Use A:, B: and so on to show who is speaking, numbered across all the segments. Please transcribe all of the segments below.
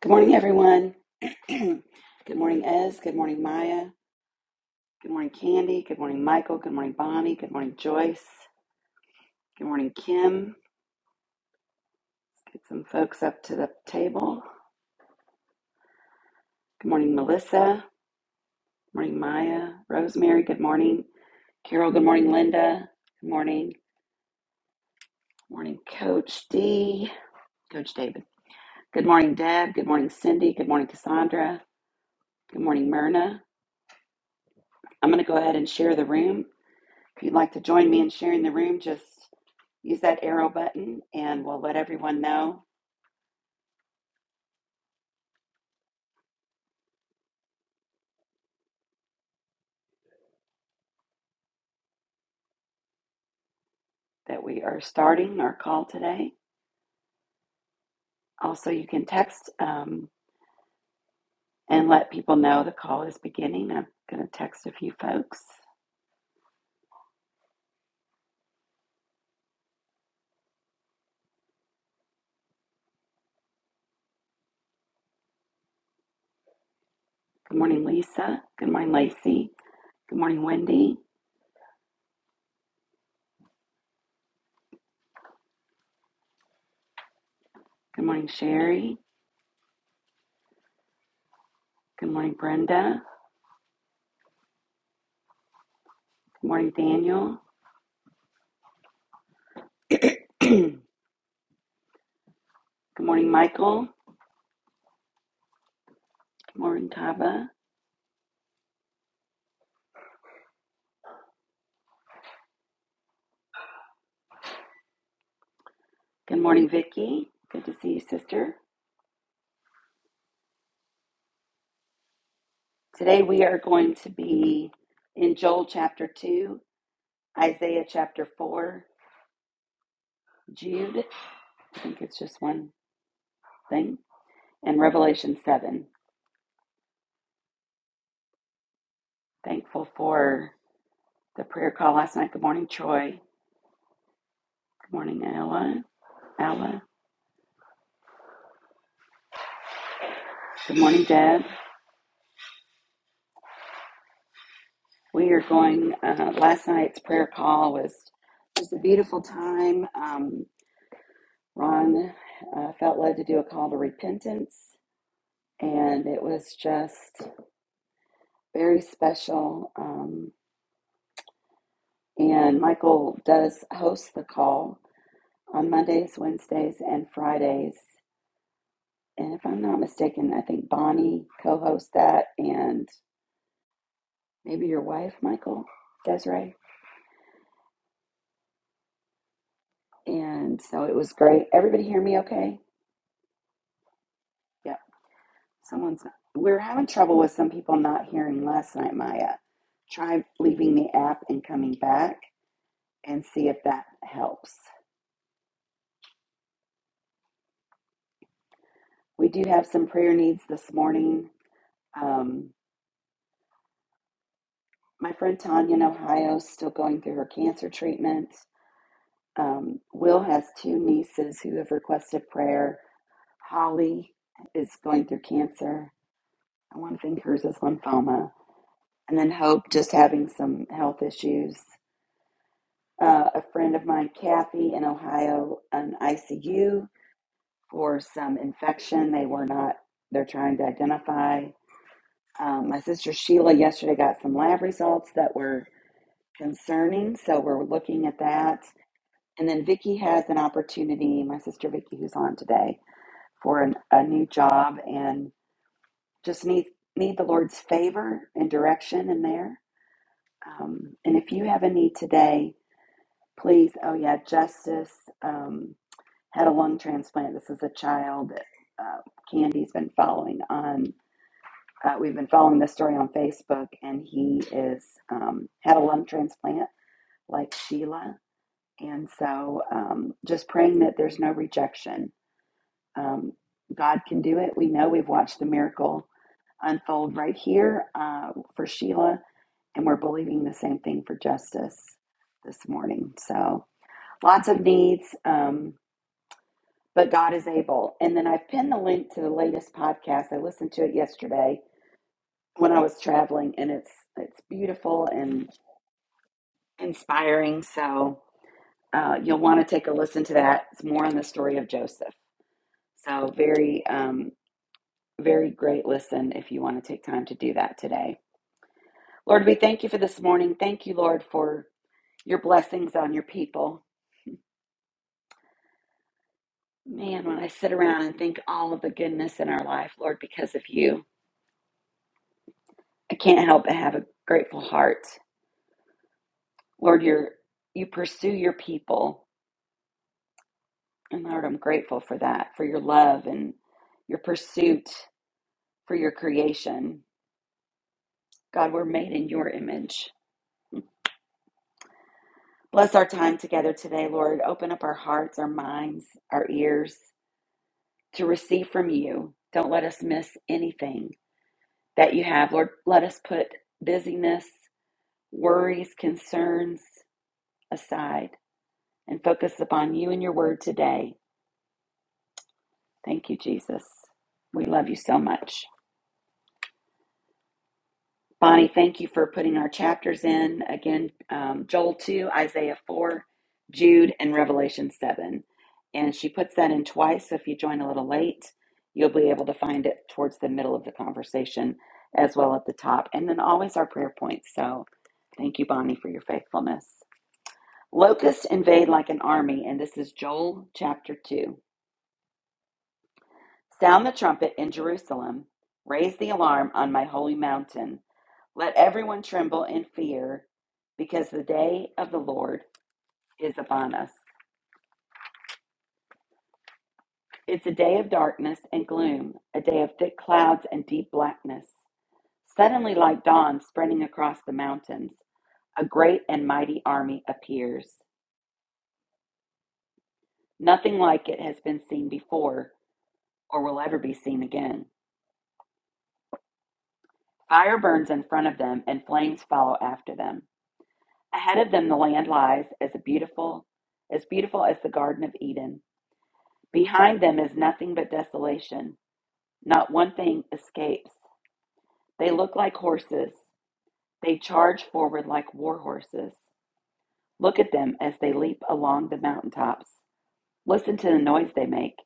A: Good morning, everyone. Good morning, Ez. Good morning, Maya. Good morning, Candy. Good morning, Michael. Good morning, Bonnie. Good morning, Joyce. Good morning, Kim. Get some folks up to the table. Good morning, Melissa. Good morning, Maya. Rosemary. Good morning, Carol. Good morning, Linda. Good morning. Good morning, Coach D. Coach David. Good morning, Deb. Good morning, Cindy. Good morning, Cassandra. Good morning, Myrna. I'm going to go ahead and share the room. If you'd like to join me in sharing the room, just Use that arrow button and we'll let everyone know that we are starting our call today. Also, you can text um, and let people know the call is beginning. I'm going to text a few folks. Good morning, Lisa. Good morning, Lacey. Good morning, Wendy. Good morning, Sherry. Good morning, Brenda. Good morning, Daniel. Good morning, Michael. Good morning, Tava. Good morning, Vicki. Good to see you, sister. Today we are going to be in Joel chapter 2. Isaiah chapter 4, Jude, I think it's just one thing, and Revelation 7. Thankful for the prayer call last night. Good morning, Troy. Good morning, Ella. Ella. Good morning, Deb. We are going, uh, last night's prayer call was just a beautiful time. Um, Ron uh, felt led to do a call to repentance, and it was just very special. Um, and Michael does host the call on Mondays, Wednesdays, and Fridays. And if I'm not mistaken, I think Bonnie co hosts that and maybe your wife, Michael Desiree. And so it was great. Everybody hear me okay? Yeah. Someone's not. We are having trouble with some people not hearing last night, Maya. Try leaving the app and coming back and see if that helps. We do have some prayer needs this morning. Um, my friend Tanya in Ohio is still going through her cancer treatment. Um, Will has two nieces who have requested prayer. Holly is going through cancer. I want to think hers is lymphoma. And then Hope just having some health issues. Uh, a friend of mine, Kathy, in Ohio, an ICU for some infection they were not, they're trying to identify. Um, my sister Sheila yesterday got some lab results that were concerning, so we're looking at that. And then Vicky has an opportunity, my sister Vicky, who's on today for an, a new job and just need need the Lord's favor and direction in there. Um, and if you have a need today, please. Oh yeah, Justice um, had a lung transplant. This is a child that uh, Candy's been following on. Uh, we've been following this story on Facebook, and he is um, had a lung transplant like Sheila. And so, um, just praying that there's no rejection. Um, God can do it. We know we've watched the miracle unfold right here uh, for Sheila, and we're believing the same thing for justice this morning. So lots of needs, um, but God is able. And then I've pinned the link to the latest podcast. I listened to it yesterday when I was traveling, and it's it's beautiful and inspiring. So uh, you'll want to take a listen to that. It's more on the story of Joseph. So very um, very great listen if you want to take time to do that today. Lord, we thank you for this morning. Thank you, Lord, for your blessings on your people. Man, when I sit around and think all of the goodness in our life, Lord, because of you, I can't help but have a grateful heart. Lord, you're, you pursue your people. And Lord, I'm grateful for that, for your love and your pursuit for your creation. God, we're made in your image. Bless our time together today, Lord. Open up our hearts, our minds, our ears to receive from you. Don't let us miss anything. that you have. Lord, let us put busyness, worries, concerns aside and focus upon you and your word today. Thank you, Jesus. We love you so much. Bonnie, thank you for putting our chapters in. Again, um, Joel 2, Isaiah 4, Jude, and Revelation 7. And she puts that in twice, so if you join a little late, you'll be able to find it towards the middle of the conversation as well at the top. And then always our prayer points. So thank you, Bonnie, for your faithfulness. Locusts invade like an army, and this is Joel chapter 2. Sound the trumpet in Jerusalem, raise the alarm on my holy mountain. Let everyone tremble in fear, because the day of the Lord is upon us. It's a day of darkness and gloom, a day of thick clouds and deep blackness. Suddenly, like dawn spreading across the mountains, a great and mighty army appears. Nothing like it has been seen before or will ever be seen again. Fire burns in front of them, and flames follow after them. Ahead of them the land lies as a beautiful as beautiful as the Garden of Eden. Behind them is nothing but desolation. Not one thing escapes. They look like horses. They charge forward like war horses. Look at them as they leap along the mountaintops. Listen to the noise they make,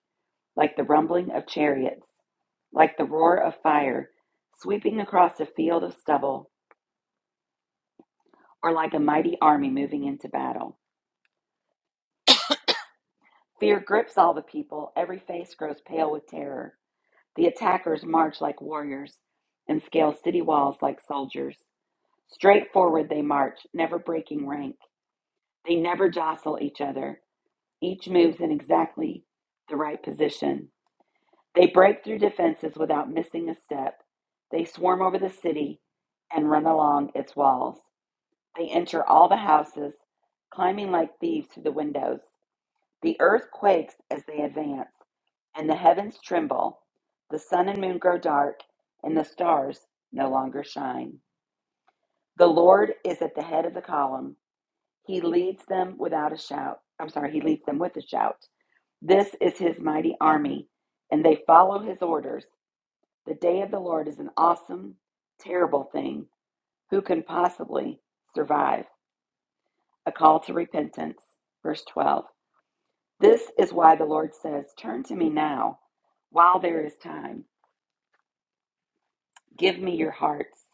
A: like the rumbling of chariots, like the roar of fire sweeping across a field of stubble, or like a mighty army moving into battle. Fear grips all the people. Every face grows pale with terror. The attackers march like warriors and scale city walls like soldiers. Straight forward they march, never breaking rank. They never jostle each other. Each moves in exactly the right position. They break through defenses without missing a step. They swarm over the city and run along its walls. They enter all the houses, climbing like thieves through the windows. The earth quakes as they advance. and the heavens tremble, the sun and moon grow dark, and the stars no longer shine. The Lord is at the head of the column. He leads them without a shout. I'm sorry, he leads them with a shout. This is his mighty army, and they follow his orders. The day of the Lord is an awesome, terrible thing. Who can possibly survive? A call to repentance. Verse 12. This is why the Lord says, Turn to me now while there is time. Give me your hearts.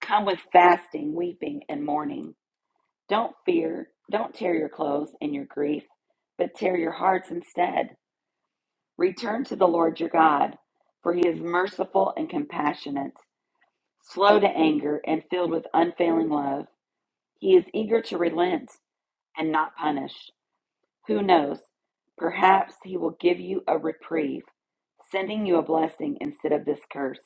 A: Come with fasting, weeping, and mourning. Don't fear, don't tear your clothes in your grief, but tear your hearts instead. Return to the Lord your God, for he is merciful and compassionate, slow to anger, and filled with unfailing love. He is eager to relent and not punish. Who knows? Perhaps he will give you a reprieve, sending you a blessing instead of this curse.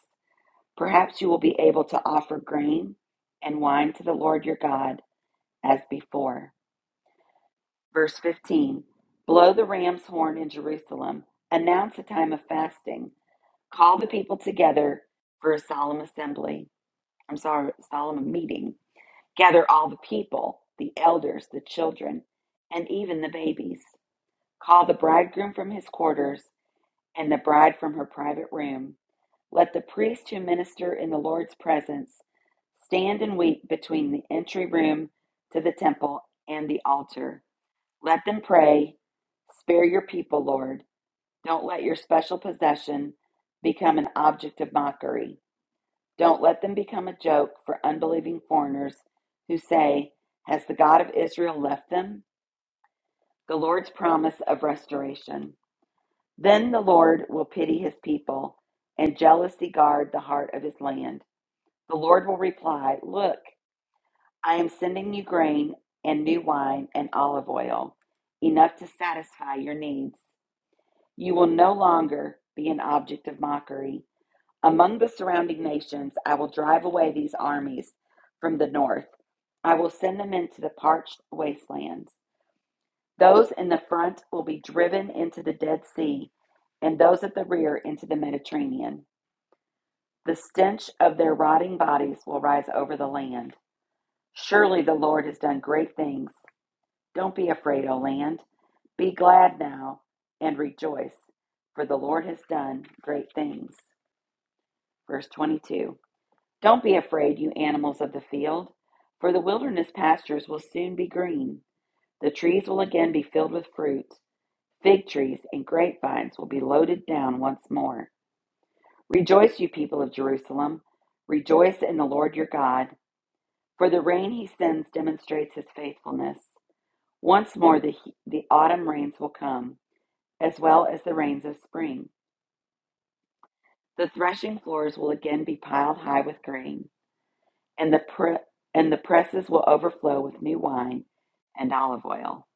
A: Perhaps you will be able to offer grain and wine to the Lord your God as before. Verse 15 Blow the ram's horn in Jerusalem, announce a time of fasting, call the people together for a solemn assembly. I'm sorry, solemn meeting. Gather all the people, the elders, the children, and even the babies. Call the bridegroom from his quarters and the bride from her private room. Let the priests who minister in the Lord's presence stand and weep between the entry room to the temple and the altar. Let them pray. Spare your people, Lord. Don't let your special possession become an object of mockery. Don't let them become a joke for unbelieving foreigners who say, Has the God of Israel left them? The Lord's promise of restoration. Then the Lord will pity his people and jealously guard the heart of his land. The Lord will reply, Look, I am sending you grain and new wine and olive oil, enough to satisfy your needs. You will no longer be an object of mockery. Among the surrounding nations, I will drive away these armies from the north. I will send them into the parched wastelands. Those in the front will be driven into the Dead Sea, and those at the rear into the Mediterranean. The stench of their rotting bodies will rise over the land. Surely the Lord has done great things don't be afraid, O land. Be glad now and rejoice, for the Lord has done great things. Verse 22 Don't be afraid, you animals of the field, for the wilderness pastures will soon be green. The trees will again be filled with fruit. Fig trees and grapevines will be loaded down once more. Rejoice, you people of Jerusalem. Rejoice in the Lord your God, for the rain he sends demonstrates his faithfulness. Once more, the, the autumn rains will come as well as the rains of spring. The threshing floors will again be piled high with grain, and the pre- and the presses will overflow with new wine and olive oil.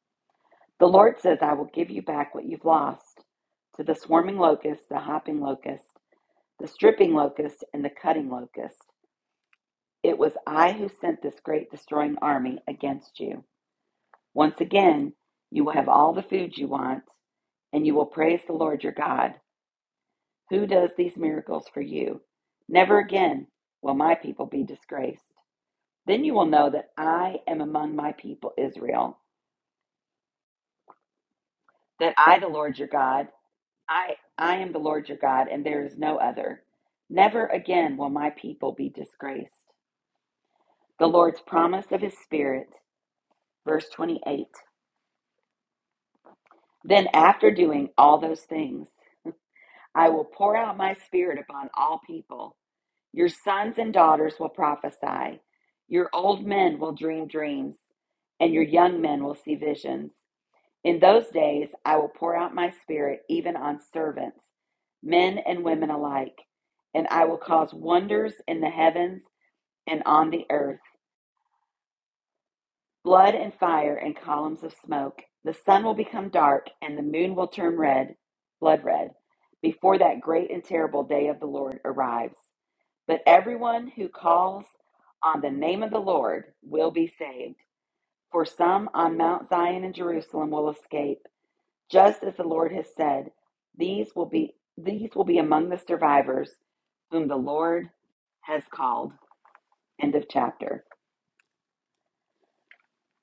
A: The Lord says, I will give you back what you've lost to the swarming locust, the hopping locust, the stripping locust, and the cutting locust. It was I who sent this great destroying army against you. Once again, you will have all the food you want, and you will praise the Lord your God Who does these miracles for you? Never again will my people be disgraced. Then you will know that I am among my people Israel, that I, the Lord your God, I, I am the Lord your God, and there is no other. Never again will my people be disgraced. The Lord's promise of his Spirit, verse 28. Then, after doing all those things, I will pour out my Spirit upon all people. Your sons and daughters will prophesy. Your old men will dream dreams, and your young men will see visions. In those days, I will pour out my spirit even on servants, men and women alike, and I will cause wonders in the heavens and on the earth blood and fire and columns of smoke. The sun will become dark, and the moon will turn red, blood red, before that great and terrible day of the Lord arrives. But everyone who calls on the name of the Lord will be saved. For some on Mount Zion and Jerusalem will escape, just as the Lord has said. These will be these will be among the survivors whom the Lord has called. End of chapter.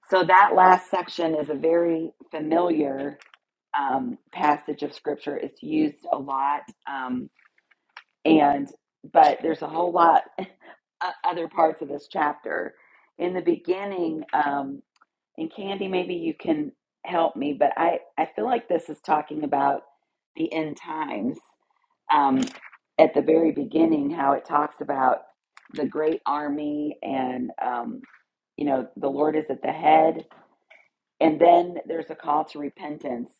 A: So that last section is a very familiar um, passage of scripture. It's used a lot, um, and but there's a whole lot o- other parts of this chapter. In the beginning, um, and Candy, maybe you can help me, but I, I feel like this is talking about the end times um, at the very beginning, how it talks about the great army and, um, you know, the Lord is at the head. And then there's a call to repentance.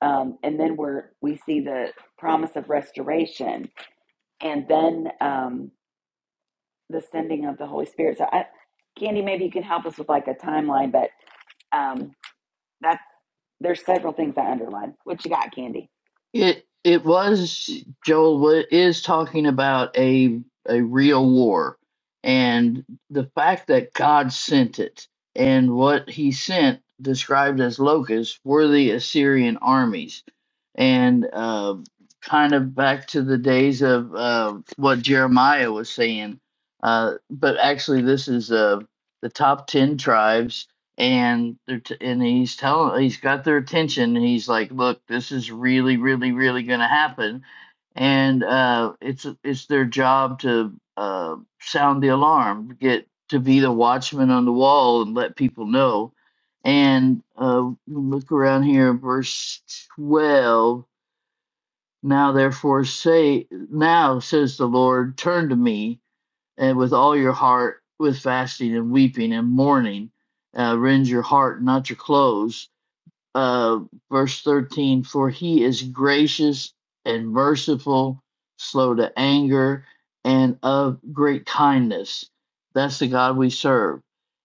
A: Um, and then we're, we see the promise of restoration. And then um, the sending of the Holy Spirit. So, I, Candy, maybe you can help us with like a timeline, but um, that there's several things I underlined. What you got, Candy?
B: It it was Joel wa- is talking about a a real war and the fact that God sent it and what he sent described as locusts were the Assyrian armies and uh, kind of back to the days of uh, what Jeremiah was saying uh, but actually this is uh, the top 10 tribes and they're t- and he's telling he's got their attention he's like look this is really really really going to happen and uh it's it's their job to uh sound the alarm get to be the watchman on the wall and let people know and uh look around here verse 12 now therefore say now says the lord turn to me and with all your heart with fasting and weeping and mourning uh, rend your heart not your clothes uh, verse 13 for he is gracious and merciful slow to anger and of great kindness that's the god we serve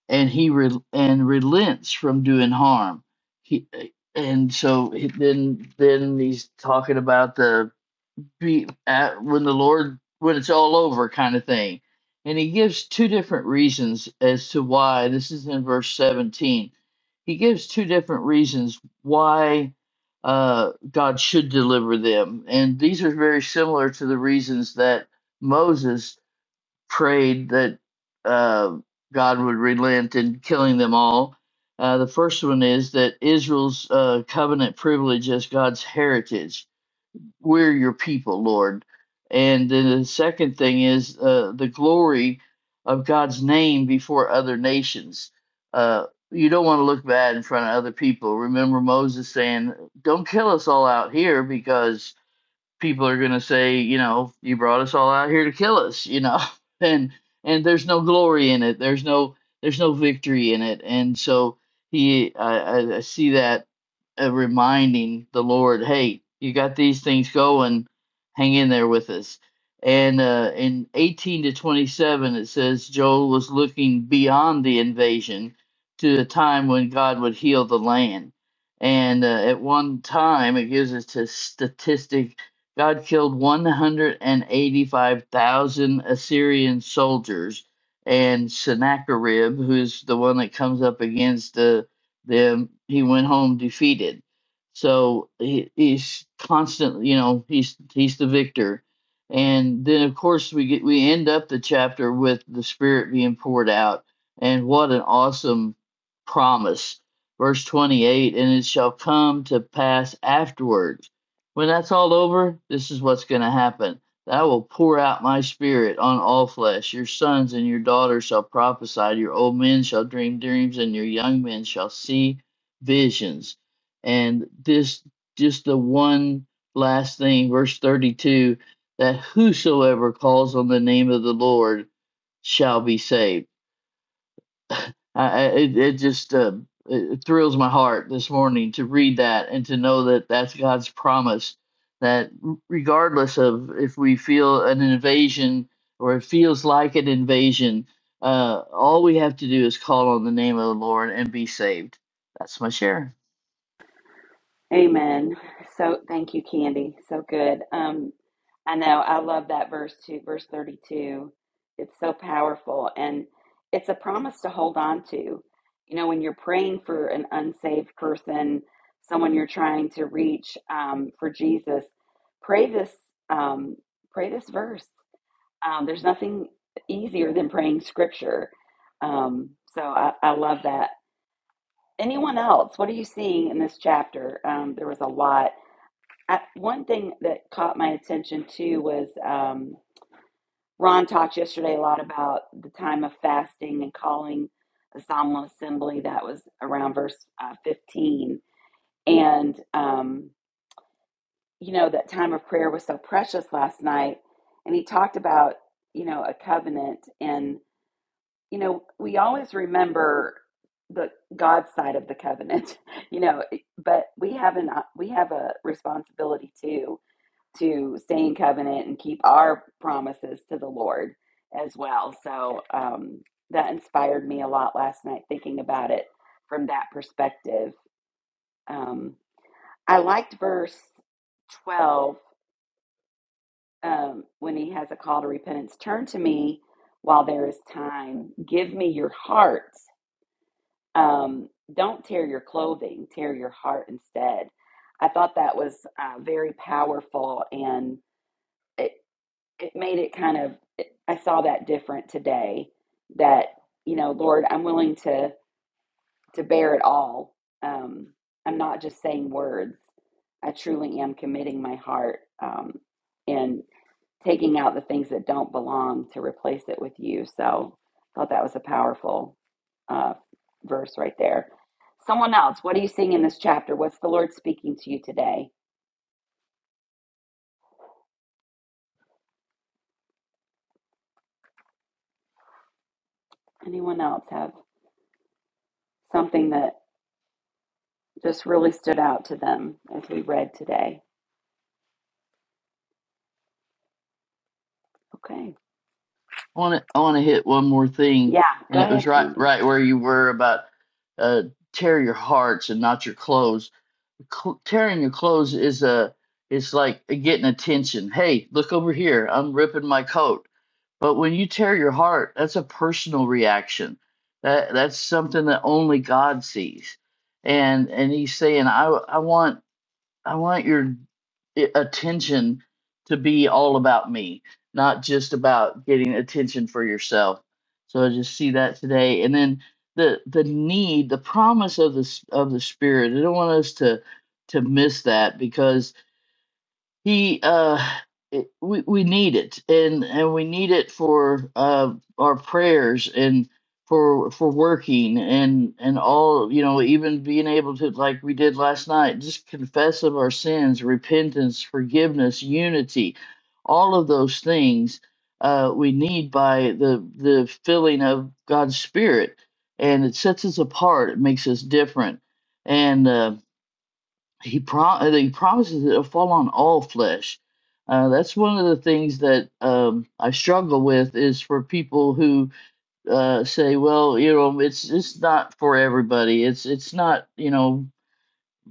B: and he re- and relents from doing harm he and so he- then then he's talking about the be at when the Lord when it's all over kind of thing. And he gives two different reasons as to why this is in verse 17. He gives two different reasons why uh, God should deliver them. And these are very similar to the reasons that Moses prayed that uh, God would relent in killing them all. Uh, the first one is that Israel's uh, covenant privilege as God's heritage we're your people, Lord. And then the second thing is uh, the glory of God's name before other nations. Uh, you don't want to look bad in front of other people. Remember Moses saying, Don't kill us all out here because people are going to say, you know, you brought us all out here to kill us, you know. And and there's no glory in it. There's no there's no victory in it. And so he I I, I see that uh, reminding the Lord, hey, you got these things going, hang in there with us. And uh, in 18 to 27, it says Joel was looking beyond the invasion to a time when God would heal the land. And uh, at one time, it gives us a statistic God killed 185,000 Assyrian soldiers, and Sennacherib, who's the one that comes up against uh, them, he went home defeated. So he, he's constantly, you know, he's he's the victor. And then of course we get we end up the chapter with the Spirit being poured out, and what an awesome promise. Verse 28 And it shall come to pass afterwards when that's all over, this is what's going to happen. That I will pour out my spirit on all flesh. Your sons and your daughters shall prophesy. Your old men shall dream dreams, and your young men shall see visions. And this, just the one last thing, verse 32 that whosoever calls on the name of the Lord shall be saved I, I- it it just uh, it it thrills my heart this morning to read that and to know that that's God's promise that r- regardless of if we feel an invasion or it feels like an invasion, uh, all we have to do is call on the name of the Lord and be saved. That's my share.
A: Amen. So thank you, Candy. So good. Um, I know I love that verse too, verse 32. It's so powerful and it's a promise to hold on to. You know, when you're praying for an unsaved person, someone you're trying to reach um, for Jesus, pray this um, pray this verse. Um, there's nothing easier than praying scripture. Um, so I, I love that. Anyone else? What are you seeing in this chapter? Um, there was a lot. I, one thing that caught my attention too was um, Ron talked yesterday a lot about the time of fasting and calling the solemn assembly. That was around verse uh, 15. And, um, you know, that time of prayer was so precious last night. And he talked about, you know, a covenant. And, you know, we always remember the God's side of the covenant, you know, but we have an, we have a responsibility too to stay in covenant and keep our promises to the Lord as well. So um, that inspired me a lot last night thinking about it from that perspective. Um, I liked verse 12 um, when he has a call to repentance turn to me while there is time, give me your heart. Um, don't tear your clothing, tear your heart instead. I thought that was uh, very powerful and. it. it made it kind of i saw that different today that you know lord i'm willing to to bear it all um i'm not just saying words i truly am committing my heart um and taking out the things that don't belong to replace it with you so i thought that was a powerful uh verse right there someone else what are you seeing in this chapter what's the lord speaking to you today anyone else have something that just really stood out to them as we read today. Okay.
B: I want to I want to hit one more thing,
A: Yeah,
B: and
A: go
B: it was
A: ahead,
B: right
A: Candy.
B: right where you were about uh, tear your hearts and not your clothes cl- tearing your clothes is a it's like getting attention hey look over here i'm ripping my coat but when you tear your heart that's a personal reaction that that's something that only god sees and and he's saying i i want I want your i- attention to be all about me, not just about getting attention for yourself. So I just see that today, and then the the need, the promise of the s- of the Spirit. I don't want us to to miss that because he uh it, we we need it and and we need it for uh our prayers and for for working and and all you know even being able to like we did last night just confess of our sins repentance forgiveness unity all of those things uh we need by the the filling of God's spirit and it sets us apart it makes us different and uh, he prom he promises that it'll fall on all flesh. Uh, that's one of the things that um, I struggle with is for people who uh, say, "Well, you know, it's it's not for everybody. It's it's not you know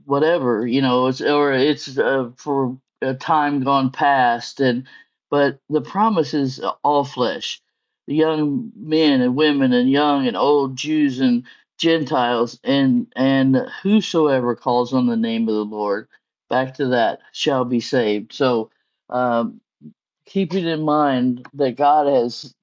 B: whatever you know it's or it's uh, for a time gone past and but the promise is all flesh the young men and women and young and old jews and gentiles and and whosoever calls on the name of the lord back to that shall be saved so um Keeping in mind that God has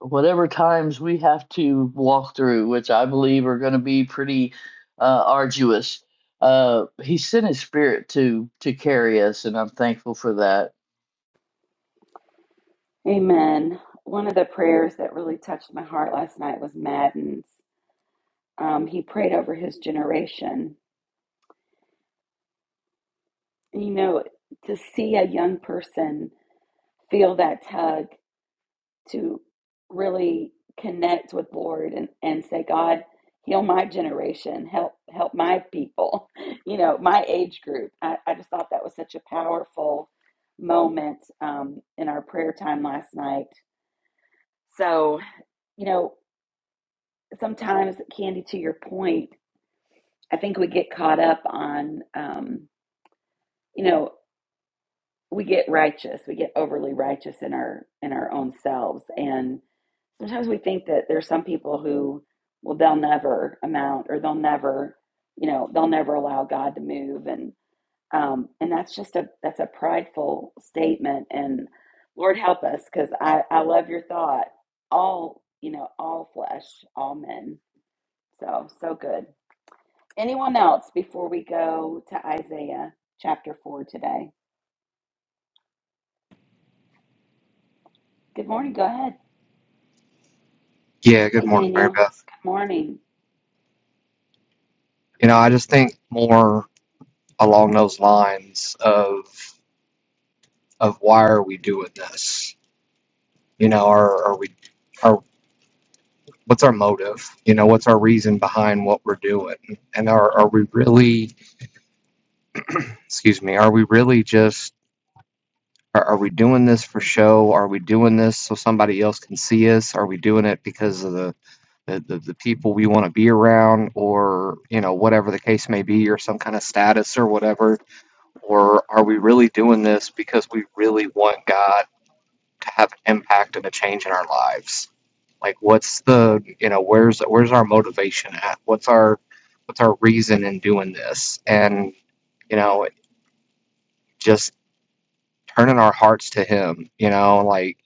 B: whatever times we have to walk through, which I believe are going to be pretty uh, arduous. Uh, he sent His Spirit to to carry us, and I'm thankful for that.
A: Amen. One of the prayers that really touched my heart last night was Madden's. Um, he prayed over his generation. You know, to see a young person feel that tug to really connect with Lord and, and say, God, heal my generation, help help my people, you know, my age group. I, I just thought that was such a powerful moment um, in our prayer time last night. So, you know, sometimes Candy, to your point, I think we get caught up on um, you know. we get righteous we get overly righteous in our in our own selves and sometimes we think that there's some people who well they'll never amount or they'll never you know they'll never allow god to move and um and that's just a that's a prideful statement and lord help us because i i love your thought all you know all flesh all men so so good anyone else before we go to isaiah chapter 4 today good morning go ahead
C: Yeah, good
A: Hey,
C: morning, Mary
A: Daniel.
C: Beth.
A: Good morning.
C: You know, I just think more along those lines of of why are we doing this? You know, are are we are what's our motive? You know, what's our reason behind what we're doing? And are are we really excuse me, are we really just are, are we doing this for show? Are we doing this so somebody else can see us? Are we doing it because of the the, the, the people we want to be around or you know whatever the case may be or some kind of status or whatever Or are we really doing this because we really want God to have an impact and a change in our lives? Like what's the you know, where's where's our motivation at? What's our what's our reason in doing this? And, you know, just turning our hearts to him, you know, like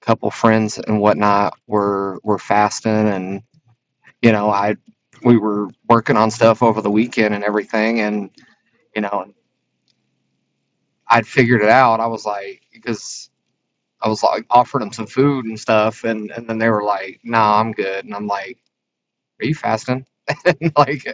C: a couple friends and whatnot were were fasting and, you know, I we were working on stuff over the weekend and everything and, you know, I'd figured it out. I was like, because I was like offering them some food and stuff, and and then they were like, "Nah, I'm good," and I'm like, "Are you fasting?" And like,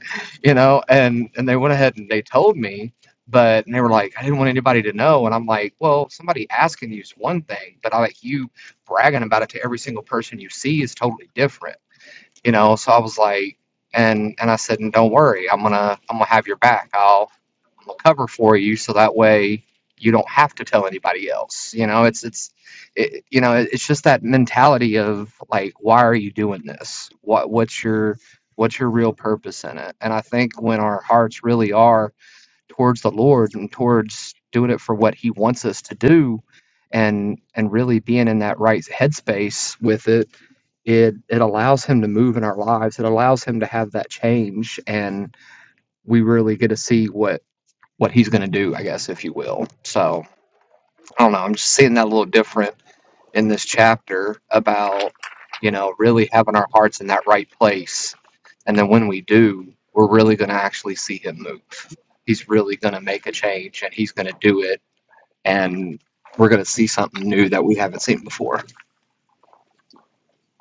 C: you know, and and they went ahead and they told me, but and they were like, "I didn't want anybody to know," and I'm like, "Well, somebody asking you is one thing, but I like you bragging about it to every single person you see is totally different," you know. So I was like, and and I said, "And don't worry, I'm gonna I'm gonna have your back. I'll will cover for you so that way you don't have to tell anybody else you know it's it's it, you know it's just that mentality of like why are you doing this what what's your what's your real purpose in it and i think when our hearts really are towards the lord and towards doing it for what he wants us to do and and really being in that right headspace with it it it allows him to move in our lives it allows him to have that change and we really get to see what what he's going to do, I guess, if you will. So I don't know. I'm just seeing that a little different in this chapter about, you know, really having our hearts in that right place. And then when we do, we're really going to actually see him move. He's really going to make a change and he's going to do it. And we're going to see something new that we haven't seen before.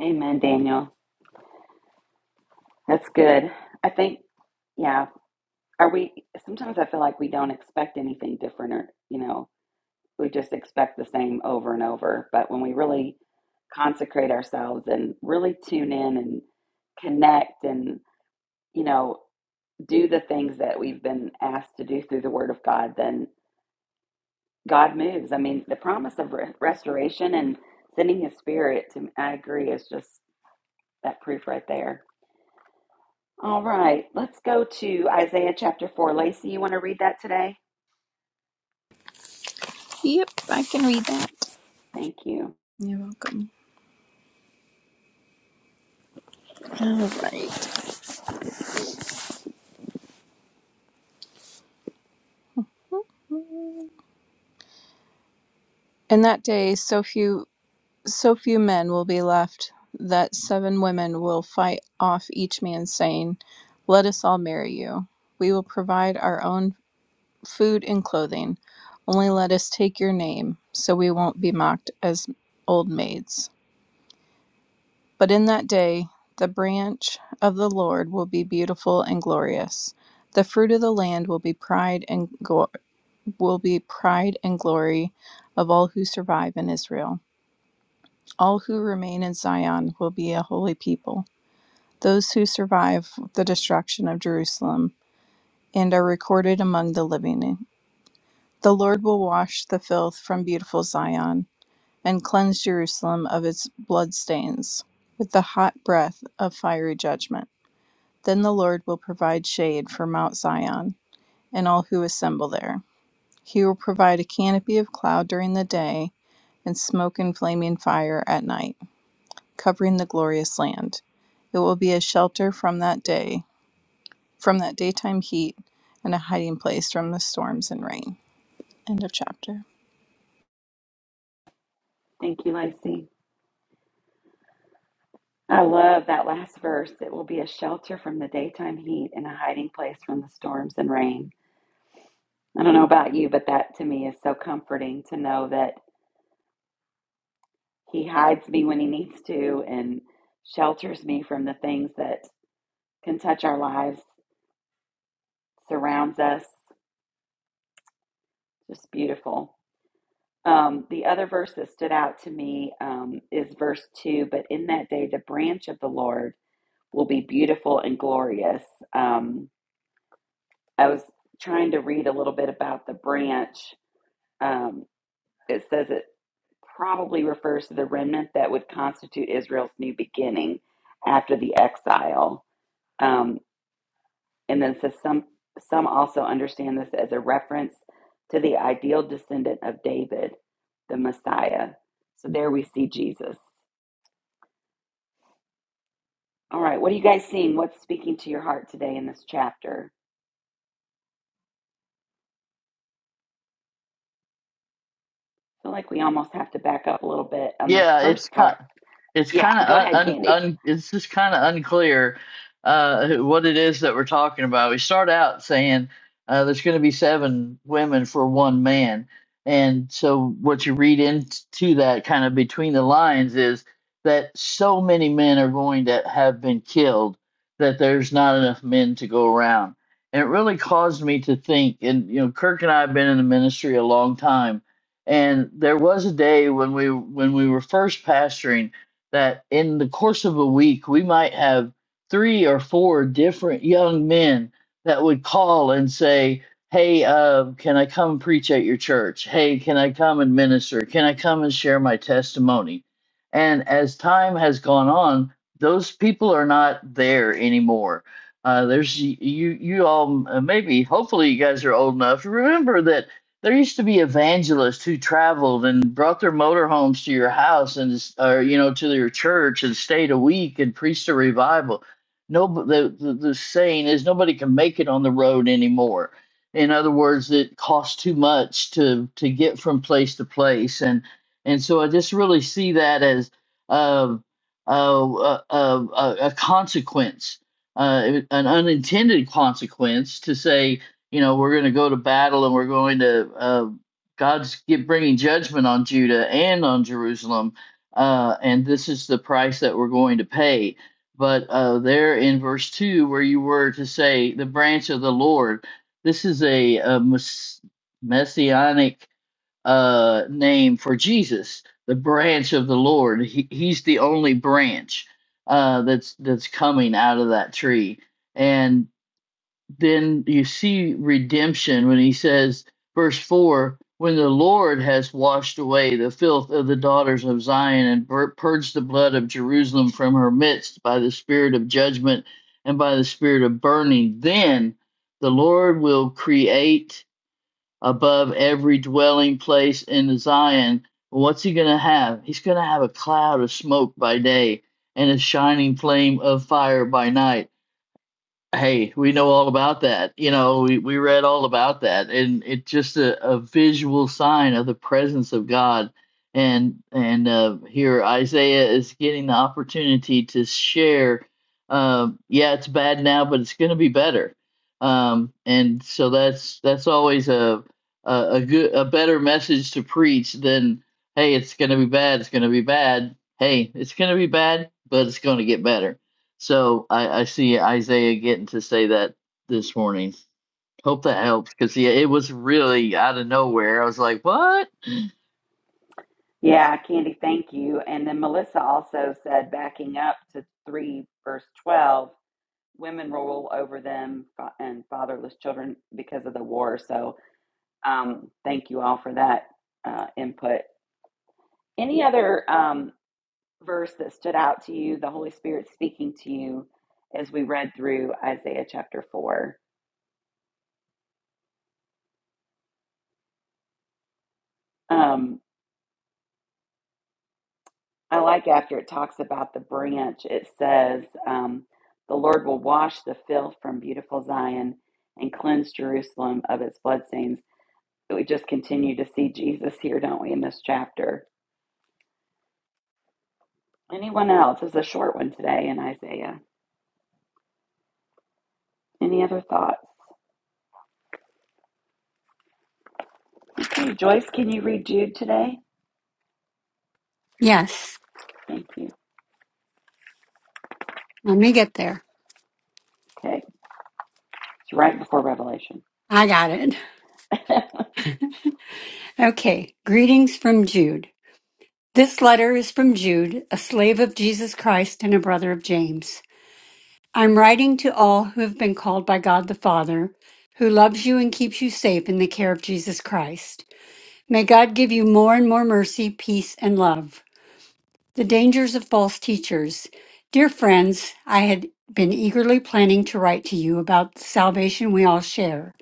A: Amen, Daniel. That's good. I think, yeah, are we, sometimes I feel like we don't expect anything different or, you know, we just expect the same over and over. But when we really consecrate ourselves and really tune in and connect and, you know, do the things that we've been asked to do through the Word of God, then God moves. I mean, the promise of re- restoration and sending His Spirit to, I agree, is just that proof right there. All right, let's go to Isaiah chapter 4. Lacey, you want to read that today?
D: Yep, I can read that.
A: Thank you.
D: You're welcome. All right. In that day, so few, so few men will be left that seven women will fight off each man, saying, "Let us all marry you. We will provide our own food and clothing. Only let us take your name, so we won't be mocked as old maids." But in that day, the branch of the Lord will be beautiful and glorious. The fruit of the land will be pride and go- will be pride and glory of all who survive in Israel. All who remain in Zion will be a holy people. Those who survive the destruction of Jerusalem and are recorded among the living. The Lord will wash the filth from beautiful Zion and cleanse Jerusalem of its bloodstains with the hot breath of fiery judgment. Then the Lord will provide shade for Mount Zion and all who assemble there. He will provide a canopy of cloud during the day and smoke and flaming fire at night, covering the glorious land. It will be a shelter from that day, from that daytime heat, and a hiding place from the storms and rain. End of chapter.
A: Thank you, Lacey. I love that last verse. It will be a shelter from the daytime heat and a hiding place from the storms and rain. I don't know about you, but that to me is so comforting to know that He hides me when He needs to and shelters me from the things that can touch our lives, surrounds us. Just beautiful. Um, the other verse that stood out to me um, is verse 2 But in that day, the branch of the Lord will be beautiful and glorious. Um, I was trying to read a little bit about the branch. Um, it says it probably refers to the remnant that would constitute Israel's new beginning after the exile. Um, and then it says some, some also understand this as a reference to the ideal descendant of David, the Messiah. So there we see Jesus. All right, what are you guys seeing? What's speaking to your heart today in this chapter? I feel like we almost have to back up a little bit on this
B: Yeah, it's
A: first
B: kind
A: part.
B: it's
A: Yeah,
B: kind of
A: go ahead,
B: un,
A: Candy.
B: un, un it's just kind of unclear uh what it is that we're talking about. We start out saying uh there's going to be seven women for one man. And so what you read into that kind of between the lines is that so many men are going to have been killed that there's not enough men to go around. And it really caused me to think and you know Kirk and I have been in the ministry a long time and there was a day when we when we were first pastoring that in the course of a week we might have three or four different young men that would call and say, "Hey, uh, can I come preach at your church? Hey, can I come and minister? Can I come and share my testimony?" And as time has gone on, those people are not there anymore. Uh, there's you you all uh, maybe hopefully you guys are old enough to remember that there used to be evangelists who traveled and brought their motorhomes to your house and or you know to their church and stayed a week and preached a revival. No, the, the the saying is nobody can make it on the road anymore. In other words, it costs too much to to get from place to place, and and so I just really see that as uh, uh, uh, uh, a consequence, uh, an unintended consequence to say you know we're going to go to battle and we're going to uh, god's get, bringing judgment on judah and on jerusalem uh, and this is the price that we're going to pay but uh, there in verse 2 where you were to say the branch of the lord this is a, a mess- messianic uh, name for jesus the branch of the lord he, he's the only branch uh, that's that's coming out of that tree and then you see redemption when he says, verse 4 when the Lord has washed away the filth of the daughters of Zion and purged the blood of Jerusalem from her midst by the spirit of judgment and by the spirit of burning, then the Lord will create above every dwelling place in Zion. What's he going to have? He's going to have a cloud of smoke by day and a shining flame of fire by night Hey, we know all about that. You know, we, we read all about that, and it's just a, a visual sign of the presence of God. And and uh, here Isaiah is getting the opportunity to share. Um, yeah, it's bad now, but it's going to be better. Um, and so that's that's always a, a a good a better message to preach than hey, it's going to be bad, it's going to be bad. Hey, it's going to be bad, but it's going to get better so I, I see Isaiah getting to say that this morning. Hope that helps because yeah, it was really out of nowhere. I was like, "What,
A: Yeah, Candy, thank you. And then Melissa also said, backing up to 3 verse 12, women rule over them fa- and fatherless children because of the war. So um, thank you all for that uh, input. Any other um, verse that stood out to you, the Holy Spirit speaking to you as we read through Isaiah chapter 4? Um, I like after it talks about the branch, it says, um, The Lord will wash the filth from beautiful Zion and cleanse Jerusalem of its bloodstains. We just continue to see Jesus here, don't we, in this chapter? Anyone else? This is a short one today in Isaiah. Any other thoughts? Okay, Joyce, can you read Jude today?
E: Yes,
A: Thank you.
E: let me get there.
A: Okay, it's right before Revelation.
E: I got it. Okay, greetings from Jude. This letter is from Jude, a slave of Jesus Christ and a brother of James. I'm writing to all who have been called by God the Father, who loves you and keeps you safe in the care of Jesus Christ. May God give you more and more mercy, peace, and love. The dangers of false teachers. Dear friends, I had been eagerly planning to write to you about the salvation we all share.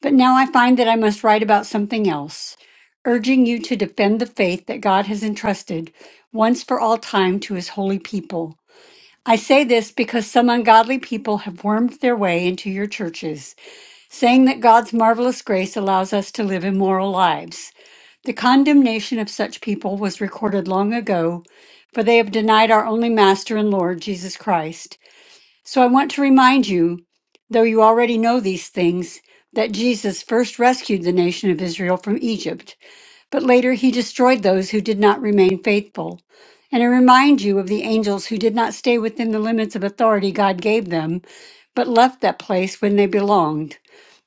E: But now I find that I must write about something else, urging you to defend the faith that God has entrusted once for all time to his holy people. I say this because some ungodly people have wormed their way into your churches, saying that God's marvelous grace allows us to live immoral lives. The condemnation of such people was recorded long ago, for they have denied our only Master and Lord, Jesus Christ. So I want to remind you, though you already know these things, that Jesus first rescued the nation of Israel from Egypt but later he destroyed those who did not remain faithful. And I remind you of the angels who did not stay within the limits of authority God gave them, but left that place when they belonged.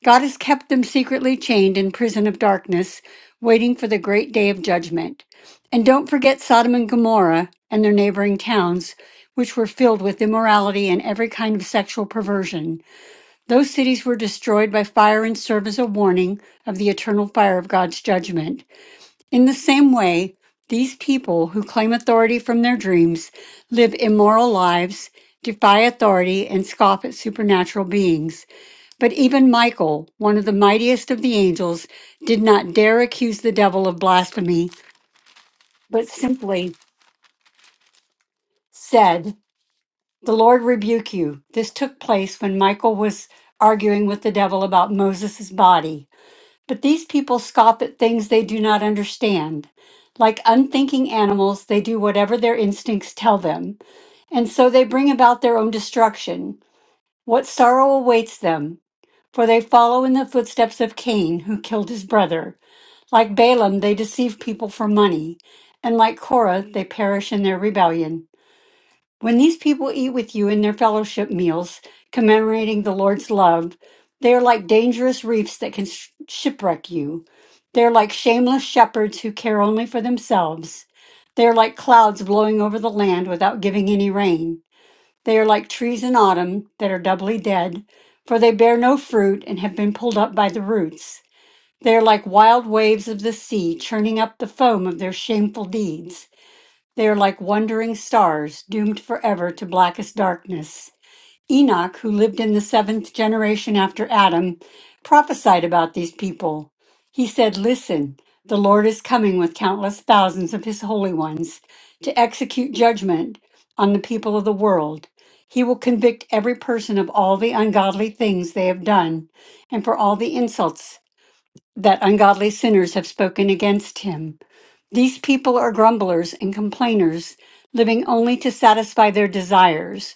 E: God has kept them secretly chained in prison of darkness, waiting for the great day of judgment. And don't forget Sodom and Gomorrah and their neighboring towns, which were filled with immorality and every kind of sexual perversion. Those cities were destroyed by fire and serve as a warning of the eternal fire of God's judgment. In the same way, these people who claim authority from their dreams live immoral lives, defy authority, and scoff at supernatural beings. But even Michael, one of the mightiest of the angels, did not dare accuse the devil of blasphemy, but simply said, The Lord rebuke you. This took place when Michael was arguing with the devil about Moses' body. But these people scoff at things they do not understand. Like unthinking animals, they do whatever their instincts tell them, and so they bring about their own destruction. What sorrow awaits them? For they follow in the footsteps of Cain, who killed his brother. Like Balaam, they deceive people for money, and like Korah, they perish in their rebellion. When these people eat with you in their fellowship meals, commemorating the Lord's love, they are like dangerous reefs that can sh- shipwreck you. They are like shameless shepherds who care only for themselves. They are like clouds blowing over the land without giving any rain. They are like trees in autumn that are doubly dead, for they bear no fruit and have been pulled up by the roots. They are like wild waves of the sea, churning up the foam of their shameful deeds. They are like wandering stars, doomed forever to blackest darkness. Enoch, who lived in the seventh generation after Adam, prophesied about these people. He said, Listen, the Lord is coming with countless thousands of his holy ones to execute judgment on the people of the world. He will convict every person of all the ungodly things they have done and for all the insults that ungodly sinners have spoken against him. These people are grumblers and complainers, living only to satisfy their desires.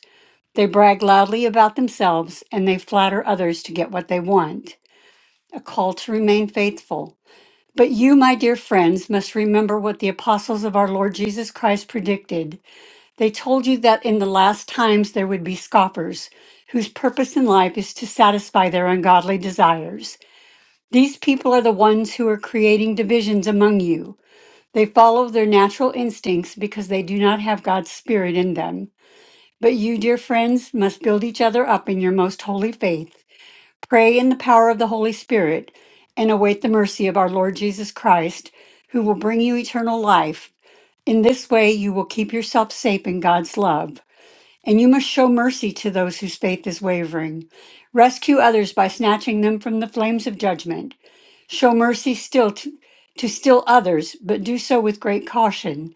E: They brag loudly about themselves and they flatter others to get what they want. A call to remain faithful. But you, my dear friends, must remember what the apostles of our Lord Jesus Christ predicted. They told you that in the last times there would be scoffers, whose purpose in life is to satisfy their ungodly desires. These people are the ones who are creating divisions among you. They follow their natural instincts because they do not have God's Spirit in them. But you, dear friends, must build each other up in your most holy faith. Pray in the power of the Holy Spirit and await the mercy of our Lord Jesus Christ, who will bring you eternal life. In this way, you will keep yourself safe in God's love. And you must show mercy to those whose faith is wavering. Rescue others by snatching them from the flames of judgment. Show mercy still to, to still others, but do so with great caution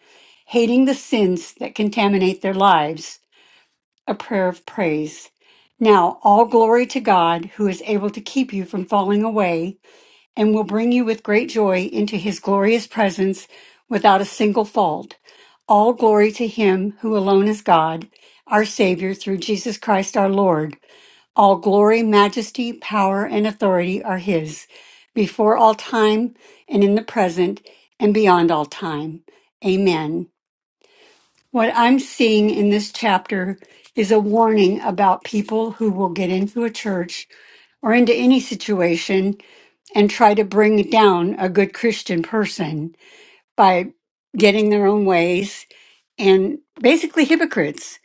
E: hating the sins that contaminate their lives, a prayer of praise. Now, all glory to God, who is able to keep you from falling away and will bring you with great joy into his glorious presence without a single fault. All glory to him who alone is God, our Savior through Jesus Christ our Lord. All glory, majesty, power, and authority are his, before all time and in the present and beyond all time. Amen. What I'm seeing in this chapter is a warning about people who will get into a church or into any situation and try to bring down a good Christian person by getting their own ways and basically hypocrites,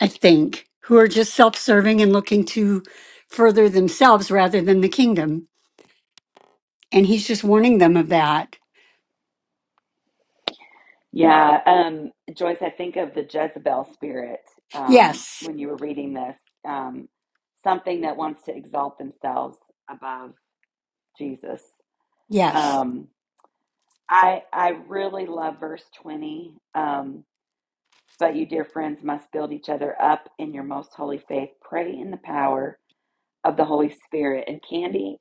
E: I think, who are just self serving and looking to further themselves rather than the kingdom. And he's just warning them of that.
A: Yeah, um, Joyce, I think of the Jezebel spirit um,
E: Yes,
A: when you were reading this, um, something that wants to exalt themselves above Jesus.
E: yes.
A: Um, I I really love verse twenty. Um, but you, dear friends, must build each other up in your most holy faith. Pray in the power of the Holy Spirit. And Candy,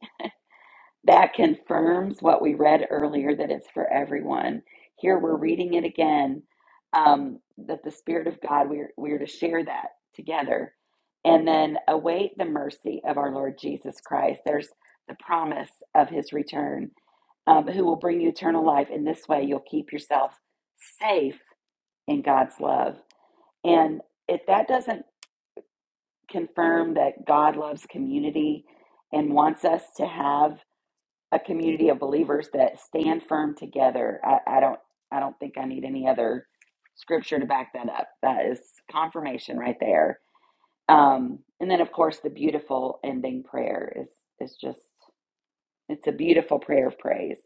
A: That confirms what we read earlier that it's for everyone. Here we're reading it again um, that the Spirit of God, we're, we're to share that together. And then await the mercy of our Lord Jesus Christ. There's the promise of his return, um, who will bring you eternal life. In this way, you'll keep yourself safe in God's love. And if that doesn't confirm that God loves community and wants us to have a community of believers that stand firm together. I, I don't I don't think I need any other scripture to back that up. That is confirmation right there. Um, and then of course the beautiful ending prayer is is just it's a beautiful prayer of praise.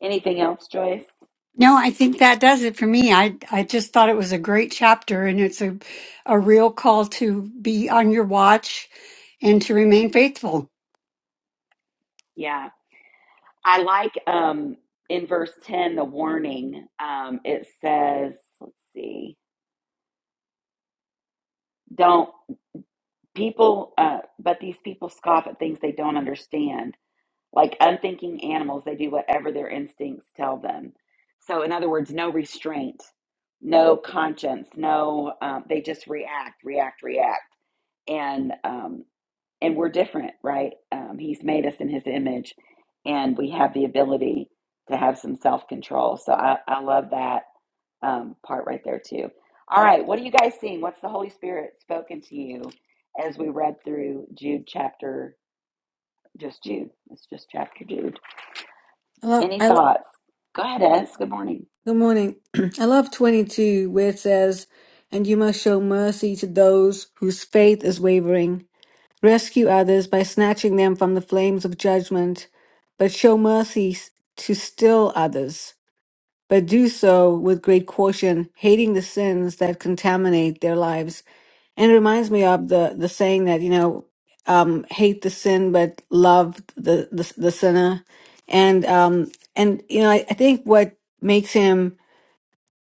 A: Anything else, Joyce?
E: No, I think that does it for me. I I just thought it was a great chapter and it's a a real call to be on your watch and to remain faithful.
A: Yeah. I like um in verse 10 the warning. Um it says, let's see. Don't people uh but these people scoff at things they don't understand Like unthinking animals, they do whatever their instincts tell them. So, in other words, no restraint, no conscience, no, um, they just react, react, react. And, um, and we're different, right? Um, he's made us in his image and we have the ability to have some self control. So, I, I love that um, part right there, too. All right, what are you guys seeing? What's the Holy Spirit spoken to you as we read through Jude chapter, just Jude? It's just chapter Jude.
F: I love,
A: Any
F: I lo-
A: thoughts? Go ahead, Ez. Good morning.
F: good morning. I love 22 where it says, and you must show mercy to those whose faith is wavering. Rescue others by snatching them from the flames of judgment, but show mercy s- to still others but do so with great caution, hating the sins that contaminate their lives. And it reminds me of the, the saying that, you know, um, hate the sin, but love the, the, the sinner. And, um, and, you know, I, I think what makes him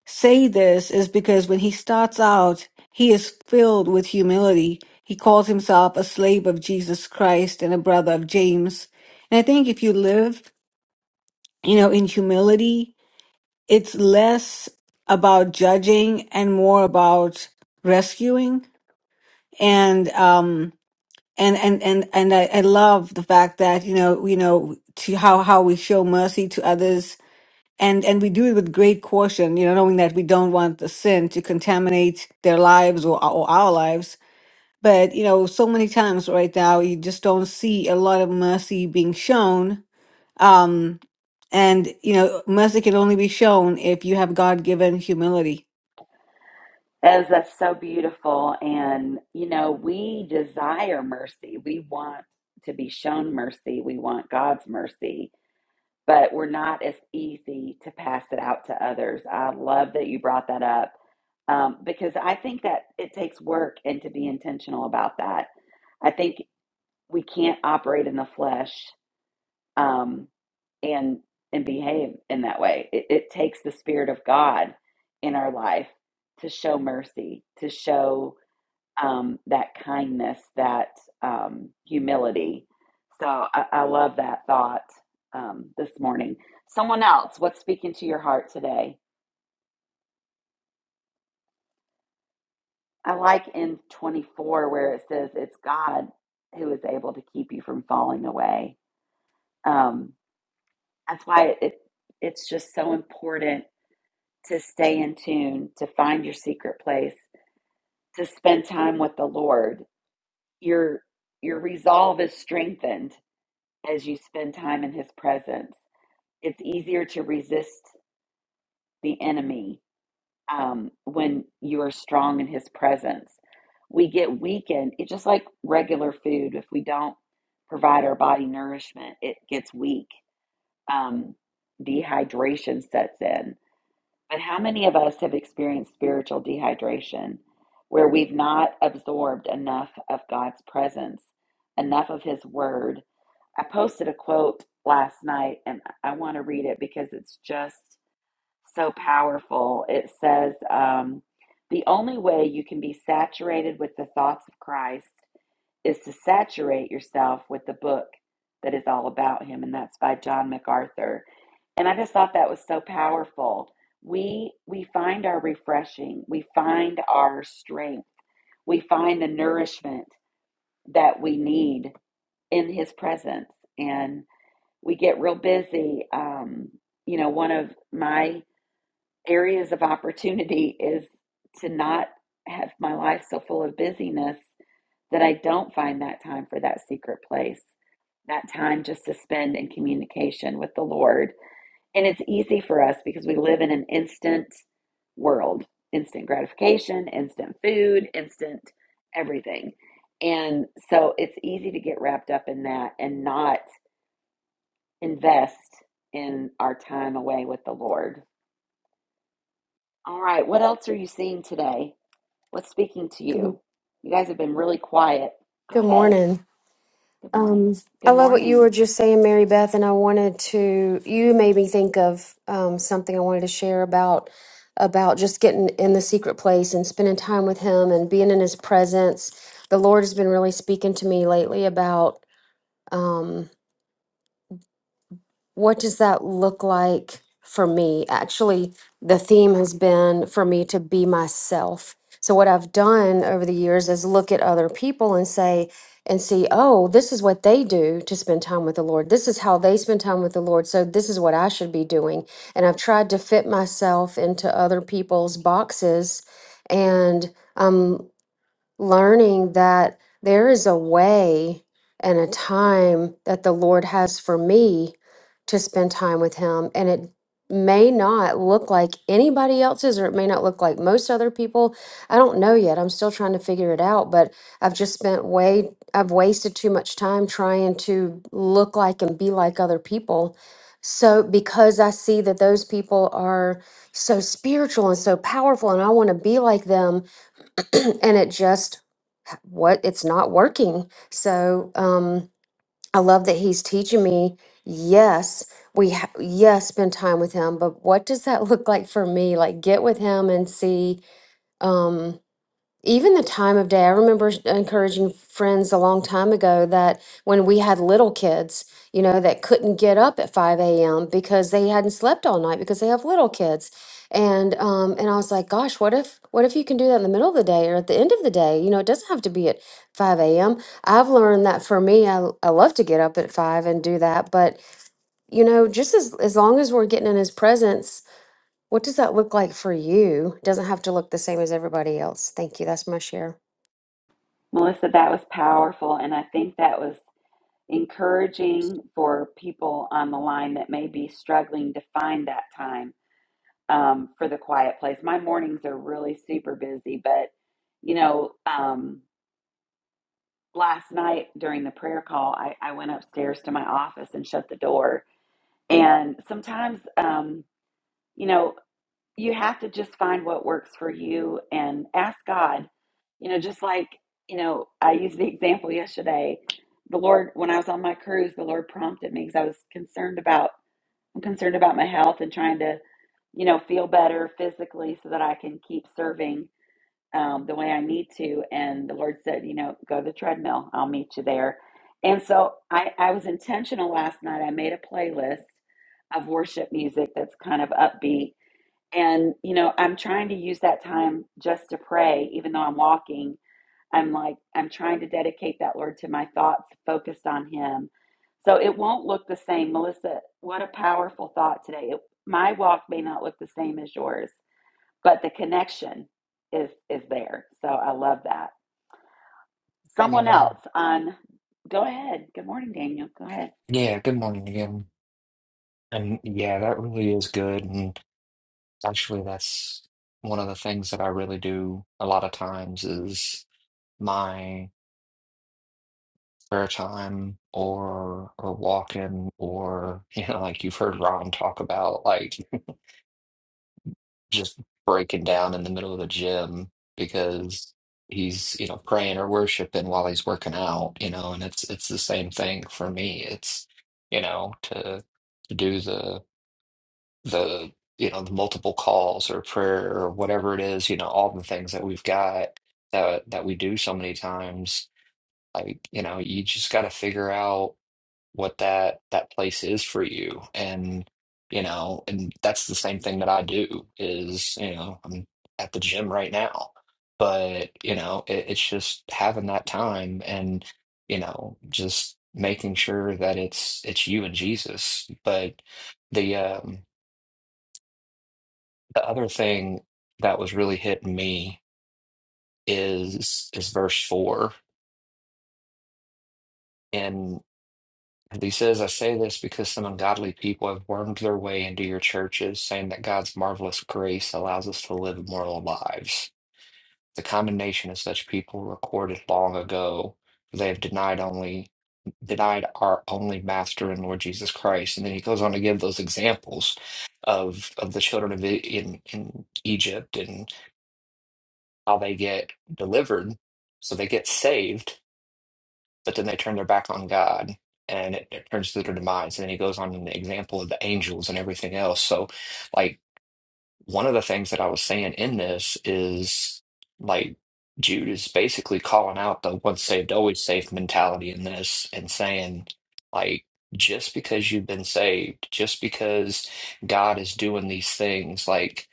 F: say this is because when he starts out, he is filled with humility. He calls himself a slave of Jesus Christ and a brother of James. And I think if you live, you know, in humility, it's less about judging and more about rescuing and um and and and and I, I love the fact that you know you know to how how we show mercy to others and and we do it with great caution you know knowing that we don't want the sin to contaminate their lives or, or our lives but you know so many times right now you just don't see a lot of mercy being shown um, and you know, mercy can only be shown if you have God given humility.
A: Ez, that's so beautiful. And, you know, we desire mercy. We want to be shown mercy. We want God's mercy, but we're not as easy to pass it out to others. I love that you brought that up um, because I think that it takes work and to be intentional about that. I think we can't operate in the flesh. Um, and and behave in that way. It, it takes the spirit of God in our life to show mercy, to show um, that kindness, that um, humility. So I, I love that thought um, this morning. Someone else, what's speaking to your heart today? I like in 24 where it says it's God who is able to keep you from falling away. Um, that's why it, it it's just so important to stay in tune, to find your secret place, to spend time with the Lord. Your your resolve is strengthened as you spend time in His presence. It's easier to resist the enemy um, when you are strong in His presence. We get weakened. It's just like regular food. If we don't provide our body nourishment, it gets weak. Um, dehydration sets in But how many of us have experienced spiritual dehydration where we've not absorbed enough of God's presence, enough of His Word? I posted a quote last night and I want to read it because it's just so powerful. It says, um, The only way you can be saturated with the thoughts of Christ is to saturate yourself with the book that is all about Him. And that's by John MacArthur. And I just thought that was so powerful. We we find our refreshing, we find our strength, we find the nourishment that we need in His presence, and we get real busy. Um, you know, one of my areas of opportunity is to not have my life so full of busyness that I don't find that time for that secret place, that time just to spend in communication with the Lord and it's easy for us because we live in an instant world instant gratification, instant food, instant everything. And so it's easy to get wrapped up in that and not invest in our time away with the Lord. All right, what else are you seeing today? What's speaking to
G: Good,
A: you? You guys have been really quiet. Go
G: good
A: ahead.
G: morning.
A: Good morning.
G: Um, I
A: Good
G: love what you were
A: morning.
G: just saying, Mary Beth, and I wanted to. You made me think of um, something I wanted to share about about just getting in the secret place and spending time with Him and being in His presence. The Lord has been really speaking to me lately about. Um, what does that look like for me? Actually, the theme has been for me to be myself. So, what I've done over the years is look at other people and say, and see, oh, this is what they do to spend time with the Lord. This is how they spend time with the Lord. So, this is what I should be doing. And I've tried to fit myself into other people's boxes. And um learning that there is a way and a time that the Lord has for me to spend time with Him. And it may not look like anybody else's, or it may not look like most other people. I don't know yet. I'm still trying to figure it out, but I've just spent way, I've wasted too much time trying to look like and be like other people. So, because I see that those people are so spiritual and so powerful, and I want to be like them, and it just what it's not working. So um, I love that he's teaching me. Yes, we ha- yes spend time with him, but what does that look like for me? Like get with him and see. Um, even the time of day i remember encouraging friends a long time ago that when we had little kids you know that couldn't get up at 5 a.m because they hadn't slept all night because they have little kids and um and i was like gosh what if what if you can do that in the middle of the day or at the end of the day you know it doesn't have to be at 5 a.m i've learned that for me i, I love to get up at 5 and do that but you know just as as long as we're getting in his presence what does that look like for you? Doesn't have to look the same as everybody else. Thank you. That's my share.
A: Melissa, that was powerful. And I think that was encouraging for people on the line that may be struggling to find that time um, for the quiet place. My mornings are really super busy, but you know, um, last night during the prayer call, I, I went upstairs to my office and shut the door. And sometimes, um, you know, you have to just find what works for you and ask God. You know, just like, you know, I used the example yesterday. The Lord, when I was on my cruise, the Lord prompted me because I was concerned about, I'm concerned about my health and trying to, you know, feel better physically so that I can keep serving um, the way I need to. And the Lord said, you know, go to the treadmill. I'll meet you there. And so I, I was intentional last night. I made a playlist of worship music that's kind of upbeat and, you know, I'm trying to use that time just to pray, even though I'm walking. I'm like, I'm trying to dedicate that, Lord, to my thoughts focused on Him. So it won't look the same. Melissa, what a powerful thought today. It, my walk may not look the same as yours, but the connection is is there. So I love that. Someone
C: Yeah.
A: else on, go ahead. Good morning, Daniel. Go ahead.
C: Yeah, good morning again. And yeah, that really is good. And actually, that's one of the things that I really do a lot of times is. my. prayer time or or walking or you know like you've heard Ron talk about like just breaking down in the middle of the gym because he's you know praying or worshiping while he's working out you know and it's it's the same thing for me it's you know to to do the the you know the multiple calls or prayer or whatever it is you know all the things that we've got that that we do so many times like you know you just got to figure out what that that place is for you and you know and that's the same thing that I do is you know I'm at the gym right now but you know it, it's just having that time and you know just making sure that it's it's you and Jesus but the um the other thing that was really hitting me is is verse 4 And he says, I say this because some ungodly people have wormed their way into your churches, saying that God's marvelous grace allows us to live moral lives. The condemnation of such people recorded long ago, for they have denied only denied our only master and Lord Jesus Christ. And then he goes on to give those examples of of the children of I- in in Egypt and how they get delivered. So they get saved but then they turn their back on God and it, it turns to their demise. And then he goes on in the example of the angels and everything else. So, like, one of the things that I was saying in this is like Jude is basically calling out the once saved, always saved mentality in this and saying, like, just because you've been saved, just because God is doing these things, like,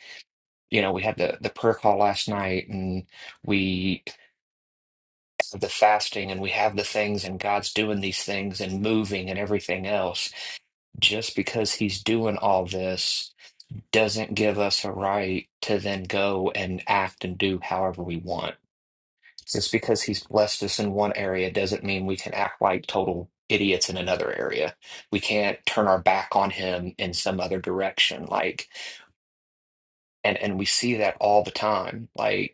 C: you know, we had the, the prayer call last night and we the fasting and we have the things and God's doing these things and moving and everything else, just because he's doing all this doesn't give us a right to then go and act and do however we want. Just because he's blessed us in one area doesn't mean we can act like total idiots in another area. We can't turn our back on him in some other direction. Like and, and we see that all the time. Like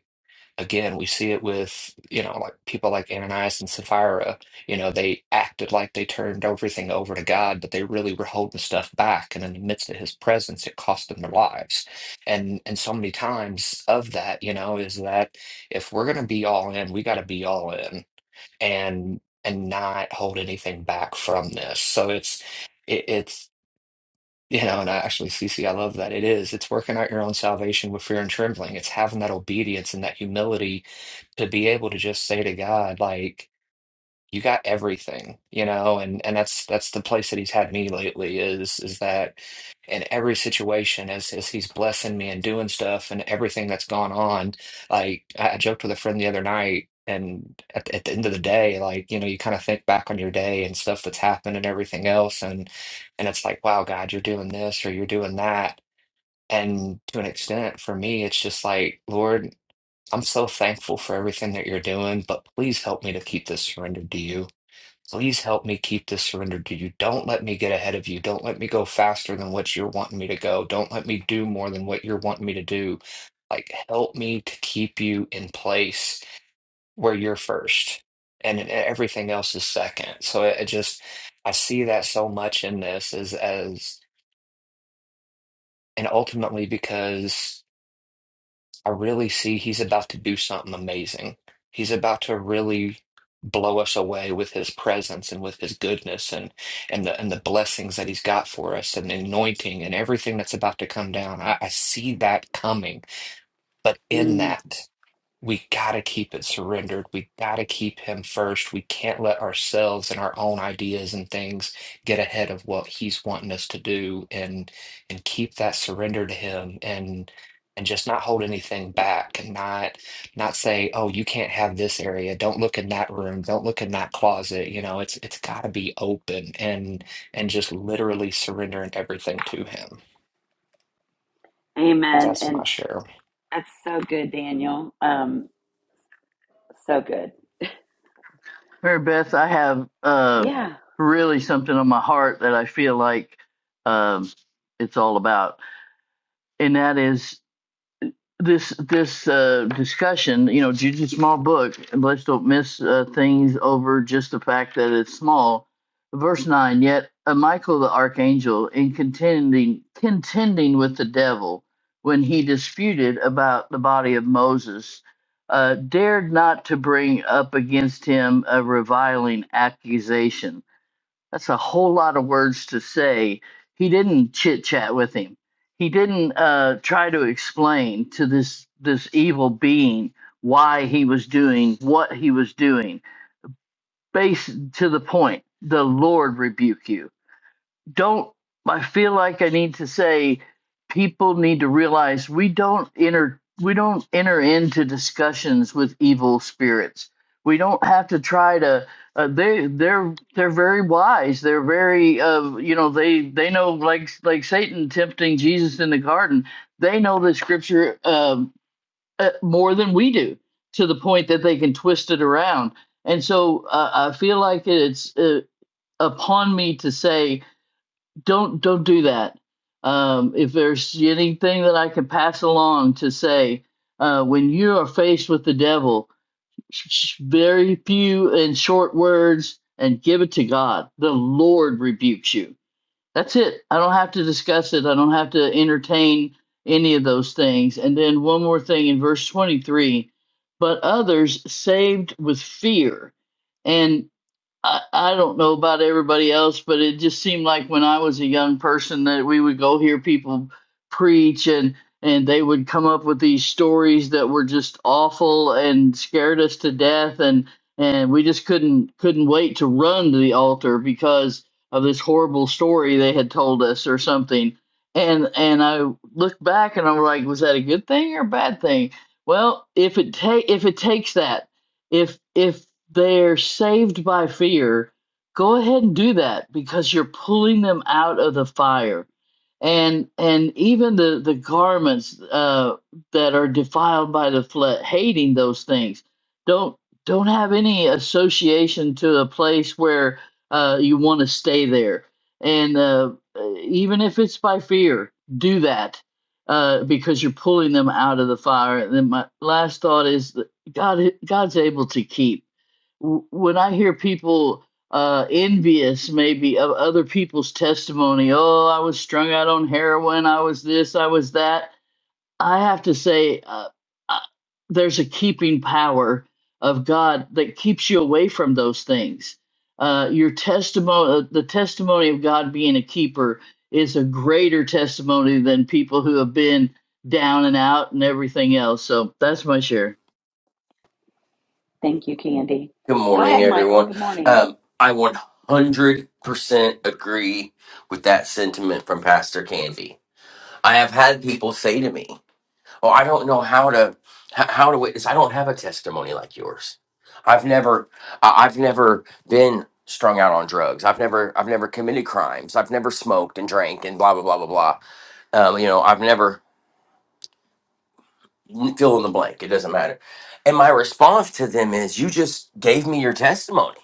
C: Again, we see it with, you know, like people like Ananias and Sapphira. You know, they acted like they turned everything over to God, but they really were holding stuff back. And in the midst of his presence, it cost them their lives. And and so many times of that, you know, is that if we're gonna be all in, we gotta be all in and and not hold anything back from this. So it's it, it's you know, and I actually, Cece, I love that. It is. It's working out your own salvation with fear and trembling. It's having that obedience and that humility to be able to just say to God, like, you got everything, you know, and and that's that's the place that he's had me lately is is that in every situation as as he's blessing me and doing stuff and everything that's gone on, like I, I joked with a friend the other night and at, at the end of the day, like, you know, you kind of think back on your day and stuff that's happened and everything else and and it's like, wow, God, you're doing this or you're doing that. And to an extent, for me, it's just like, Lord. I'm so thankful for everything that you're doing, but please help me to keep this surrendered to you. Please help me keep this surrendered to you. Don't let me get ahead of you. Don't let me go faster than what you're wanting me to go. Don't let me do more than what you're wanting me to do. Like, help me to keep you in place where you're first and everything else is second. So it I just, I see that so much in this as, as, and ultimately because. I really see he's about to do something amazing. He's about to really blow us away with his presence and with his goodness and and the and the blessings that he's got for us and the anointing and everything that's about to come down. I, I see that coming. But in
A: Mm,
C: that we gotta keep it surrendered. We gotta keep him first. We can't let ourselves and our own ideas and things get ahead of what he's wanting us to do and and keep that surrender to him and and just not hold anything back and not not say, oh, you can't have this area. Don't look in that room. Don't look in that closet. You know, it's it's gotta be open and and just literally surrendering everything to him.
A: amen.
C: That's
A: And
C: my share.
A: that's so good, Daniel. Um, so good.
B: Mary Beth? I have uh
A: Yeah.
B: really something on my heart that I feel like um it's all about, and that is this this uh, discussion, you know, Judy's small book. and Let's don't miss uh, things over just the fact that it's small. Verse nine. Yet uh, Michael the archangel, in contending contending with the devil when he disputed about the body of Moses, uh, dared not to bring up against him a reviling accusation that's a whole lot of words to say. He didn't chit chat with him. He didn't uh, try to explain to this this evil being why he was doing what he was doing. Base to the point. The Lord rebuke you don't I feel like I need to say people need to realize we don't enter we don't enter into discussions with evil spirits. We don't have to try to uh, they they're they're very wise. They're very uh, you know they they know like like Satan tempting Jesus in the garden. They know the scripture um, uh, more than we do to the point that they can twist it around. And so uh, I feel like it's uh, upon me to say don't don't do that. Um, if there's anything that I can pass along to say, uh, when you are faced with the devil, sh- very few and short words, and give it to God. The Lord rebukes you. That's it. I don't have to discuss it. I don't have to entertain any of those things. And then one more thing in verse 23 but others saved with fear. And I, I don't know about everybody else, but it just seemed like when I was a young person that we would go hear people preach and and they would come up with these stories that were just awful and scared us to death and and we just couldn't couldn't wait to run to the altar because of this horrible story they had told us or something. And and I look back and I'm like, was that a good thing or a bad thing? Well, if it ta- if it takes that if if they're saved by fear, go ahead and do that because you're pulling them out of the fire. And and even the the garments uh, that are defiled by the flood, hating those things, don't don't have any association to a place where uh, you want to stay there. And uh, even if it's by fear, do that uh, because you're pulling them out of the fire. And then my last thought is that God God's able to keep w- when I hear people uh, envious maybe of other people's testimony, oh, I was strung out on heroin, I was this, I was that. I have to say, uh, uh, there's a keeping power of God that keeps you away from those things. Uh, your testimony, the testimony of God being a keeper, is a greater testimony than people who have been down and out and everything else. So that's my share.
A: Thank you, Candy.
H: Good
A: Go
H: morning,
A: ahead, Michael. Good
H: everyone.
A: morning.
H: Um, I 100% agree with that sentiment from Pastor Candy. I have had people say to me, "Oh, I don't know how to h- how to witness. I don't have a testimony like yours. I've never I- I've never been strung out on drugs. I've never I've never committed crimes. I've never smoked and drank and blah blah blah blah blah. Um, you know, I've never fill in the blank. It doesn't matter." And my response to them is, "You just gave me your testimony."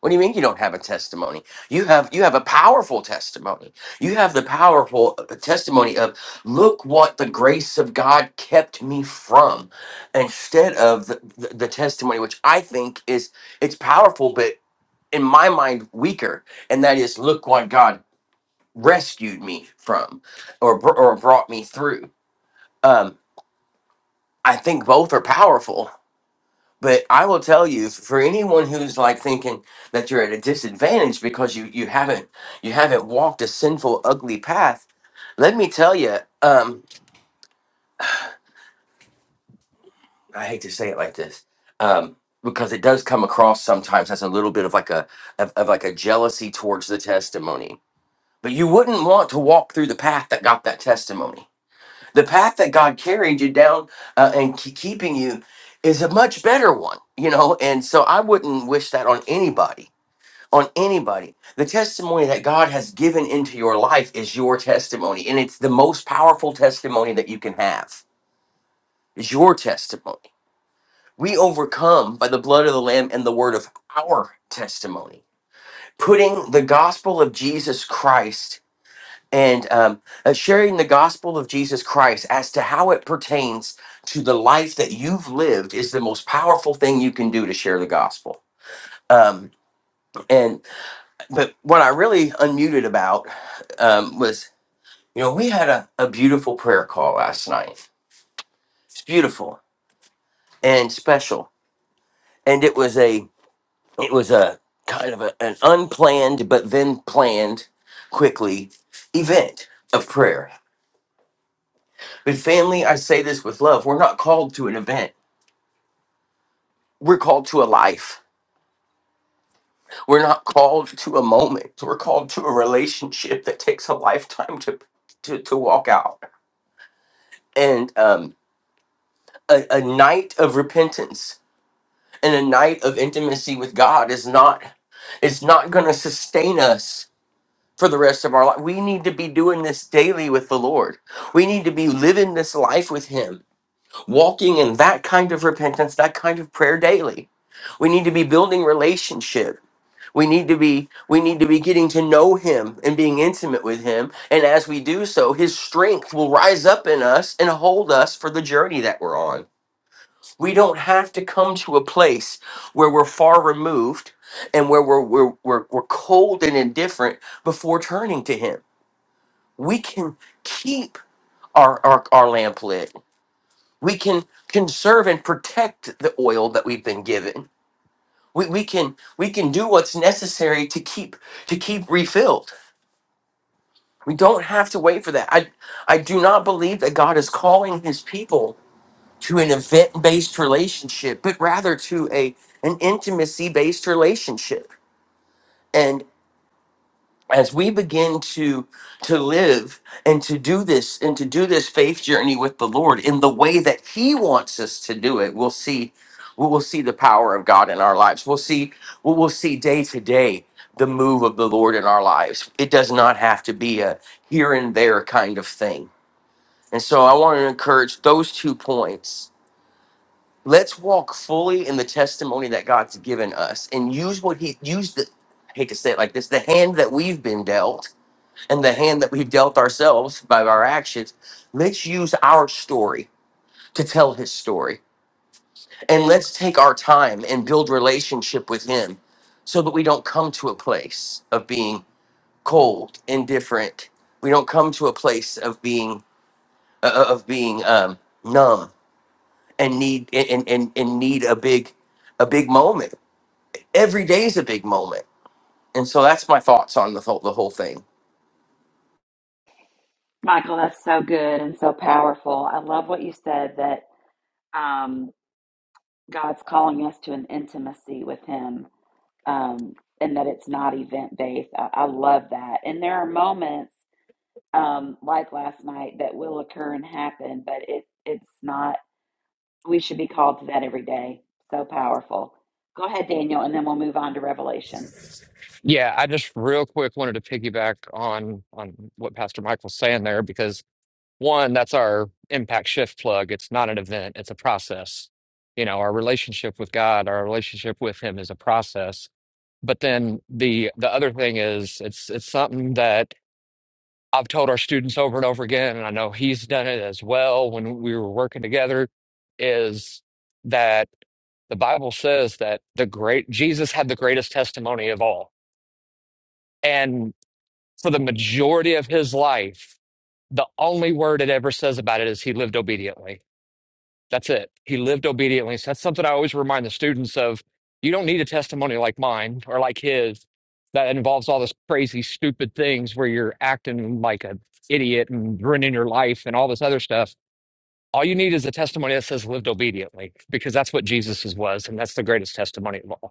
H: What do you mean you don't have a testimony? You have you have a powerful testimony. You have the powerful uh, testimony of look what the grace of God kept me from instead of the, the, the testimony which I think is it's powerful but in my mind weaker and that is look what God rescued me from or br- or brought me through. Um I think both are powerful But I will tell you, for anyone who's like thinking that you're at a disadvantage because you you haven't you haven't walked a sinful, ugly path, let me tell you. Um, I hate to say it like this, um, because it does come across sometimes as a little bit of like a of, of like a jealousy towards the testimony. But you wouldn't want to walk through the path that got that testimony. The path that God carried you down uh, and ke- keeping you is a much better one, you know. And so I wouldn't wish that on anybody on anybody. The testimony that God has given into your life is your testimony, and it's the most powerful testimony that you can have. Is your testimony. We overcome by the blood of the lamb and the word of our testimony. Putting the gospel of Jesus Christ and um, uh, sharing the gospel of Jesus Christ as to how it pertains to the life that you've lived is the most powerful thing you can do to share the gospel. Um, and But what I really unmuted about um, was, you know, we had a, a beautiful prayer call last night. It's beautiful and special, and it was a it was a kind of a, an unplanned but then planned quickly event of prayer. But family, I say this with love: we're not called to an event. We're called to a life. We're not called to a moment. We're called to a relationship that takes a lifetime to to, to walk out. And um, a, a night of repentance and a night of intimacy with God is not it's not going to sustain us for the rest of our life. We need to be doing this daily with the Lord. We need to be living this life with him, walking in that kind of repentance, that kind of prayer daily. We need to be building relationship. We need to be we need to be getting to know him and being intimate with him, and as we do so, his strength will rise up in us and hold us for the journey that we're on we don't have to come to a place where we're far removed and where we're, we're, we're, we're cold and indifferent before turning to Him. We can keep our, our, our lamp lit. We can conserve and protect the oil that we've been given. We, we can we can do what's necessary to keep to keep refilled. We don't have to wait for that. I I do not believe that God is calling his people to an event based relationship, but rather to a an intimacy based relationship. And as we begin to to live and to do this and to do this faith journey with the Lord in the way that He wants us to do it, we'll see we'll see the power of God in our lives. We'll see we'll we'll see day to day the move of the Lord in our lives. It does not have to be a here and there kind of thing. And so I want to encourage those two points let's walk fully in the testimony that God's given us and use what he use the I hate to say it like this the hand that we've been dealt and the hand that we've dealt ourselves by our actions let's use our story to tell his story and let's take our time and build relationship with him so that we don't come to a place of being cold indifferent we don't come to a place of being uh, uh, of being um, numb and need and, and and need a big a big moment every day is a big moment. And so that's my thoughts on the whole, the whole thing.
A: Michael, that's so good and so powerful. I love what you said that um, God's calling us to an intimacy with Him um, and that it's not event based. I, I love that. And there are moments um, like last night that will occur and happen, but it, it's not, we should be called to that every day. So powerful. Go ahead, Daniel, and then we'll move on to Revelation.
C: Yeah, I just real quick wanted to piggyback on on what Pastor Michael's saying there because one, that's our impact shift plug. It's not an event, it's a process. You know, our relationship with God, our relationship with him is a process. But then the the other thing is it's it's something that I've told our students over and over again, and I know he's done it as well when we were working together, is that the Bible says that the great Jesus had the greatest testimony of all. for the majority of his life, the only word it ever says about it is he lived obediently. That's it. He lived obediently. So that's something I always remind the students of. You don't need a testimony like mine or like his that involves all this crazy, stupid things where you're acting like an idiot and ruining your life and all this other stuff. All you need is a testimony that says lived obediently because that's what Jesus's was. And that's the greatest testimony of all.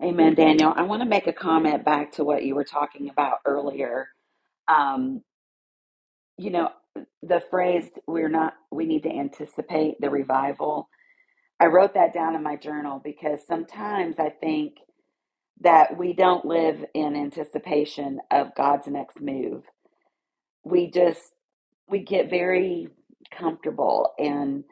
A: Amen, Daniel. I want to make a comment back to what you were talking about earlier Um, you know, the phrase we're not we need to anticipate the revival. I wrote that down in my journal because sometimes I think that we don't live in anticipation of God's next move. We just we get very comfortable and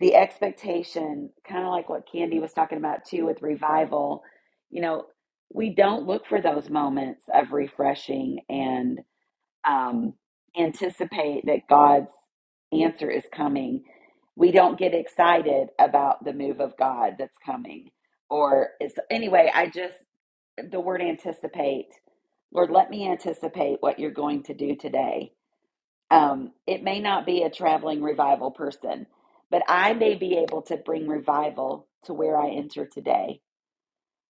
A: the expectation kind of like what candy was talking about too with revival you know we don't look for those moments of refreshing and um, anticipate that God's answer is coming. We don't get excited about the move of God that's coming. Or it's, anyway, I just, the word anticipate, Lord, let me anticipate what you're going to do today. Um, it may not be a traveling revival person, but I may be able to bring revival to where I enter today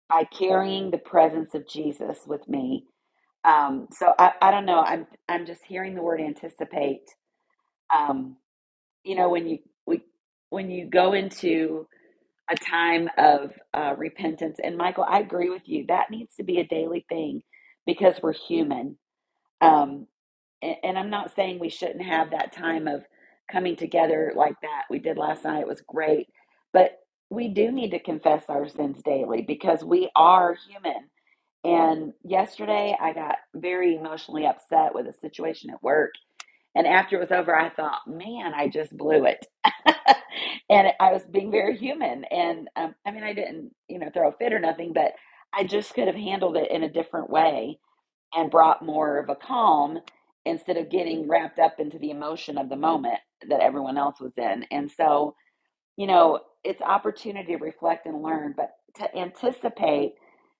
A: by carrying the presence of Jesus with me um, so I, I don't know. I'm I'm just hearing the word anticipate. Um, you know, when you we, when you go into a time of uh, repentance, and Michael, I agree with you. That needs to be a daily thing because we're human. Um, and, and I'm not saying we shouldn't have that time of coming together like that we did last night. It was great, but we do need to confess our sins daily because we are human and yesterday, I got very emotionally upset with a situation at work. And after it was over, I thought, man, I just blew it. and I was being very human. And um, I mean, I didn't, you know, throw a fit or nothing, but I just could have handled it in a different way and brought more of a calm instead of getting wrapped up into the emotion of the moment that everyone else was in. And so, you know, it's opportunity to reflect and learn, but to anticipate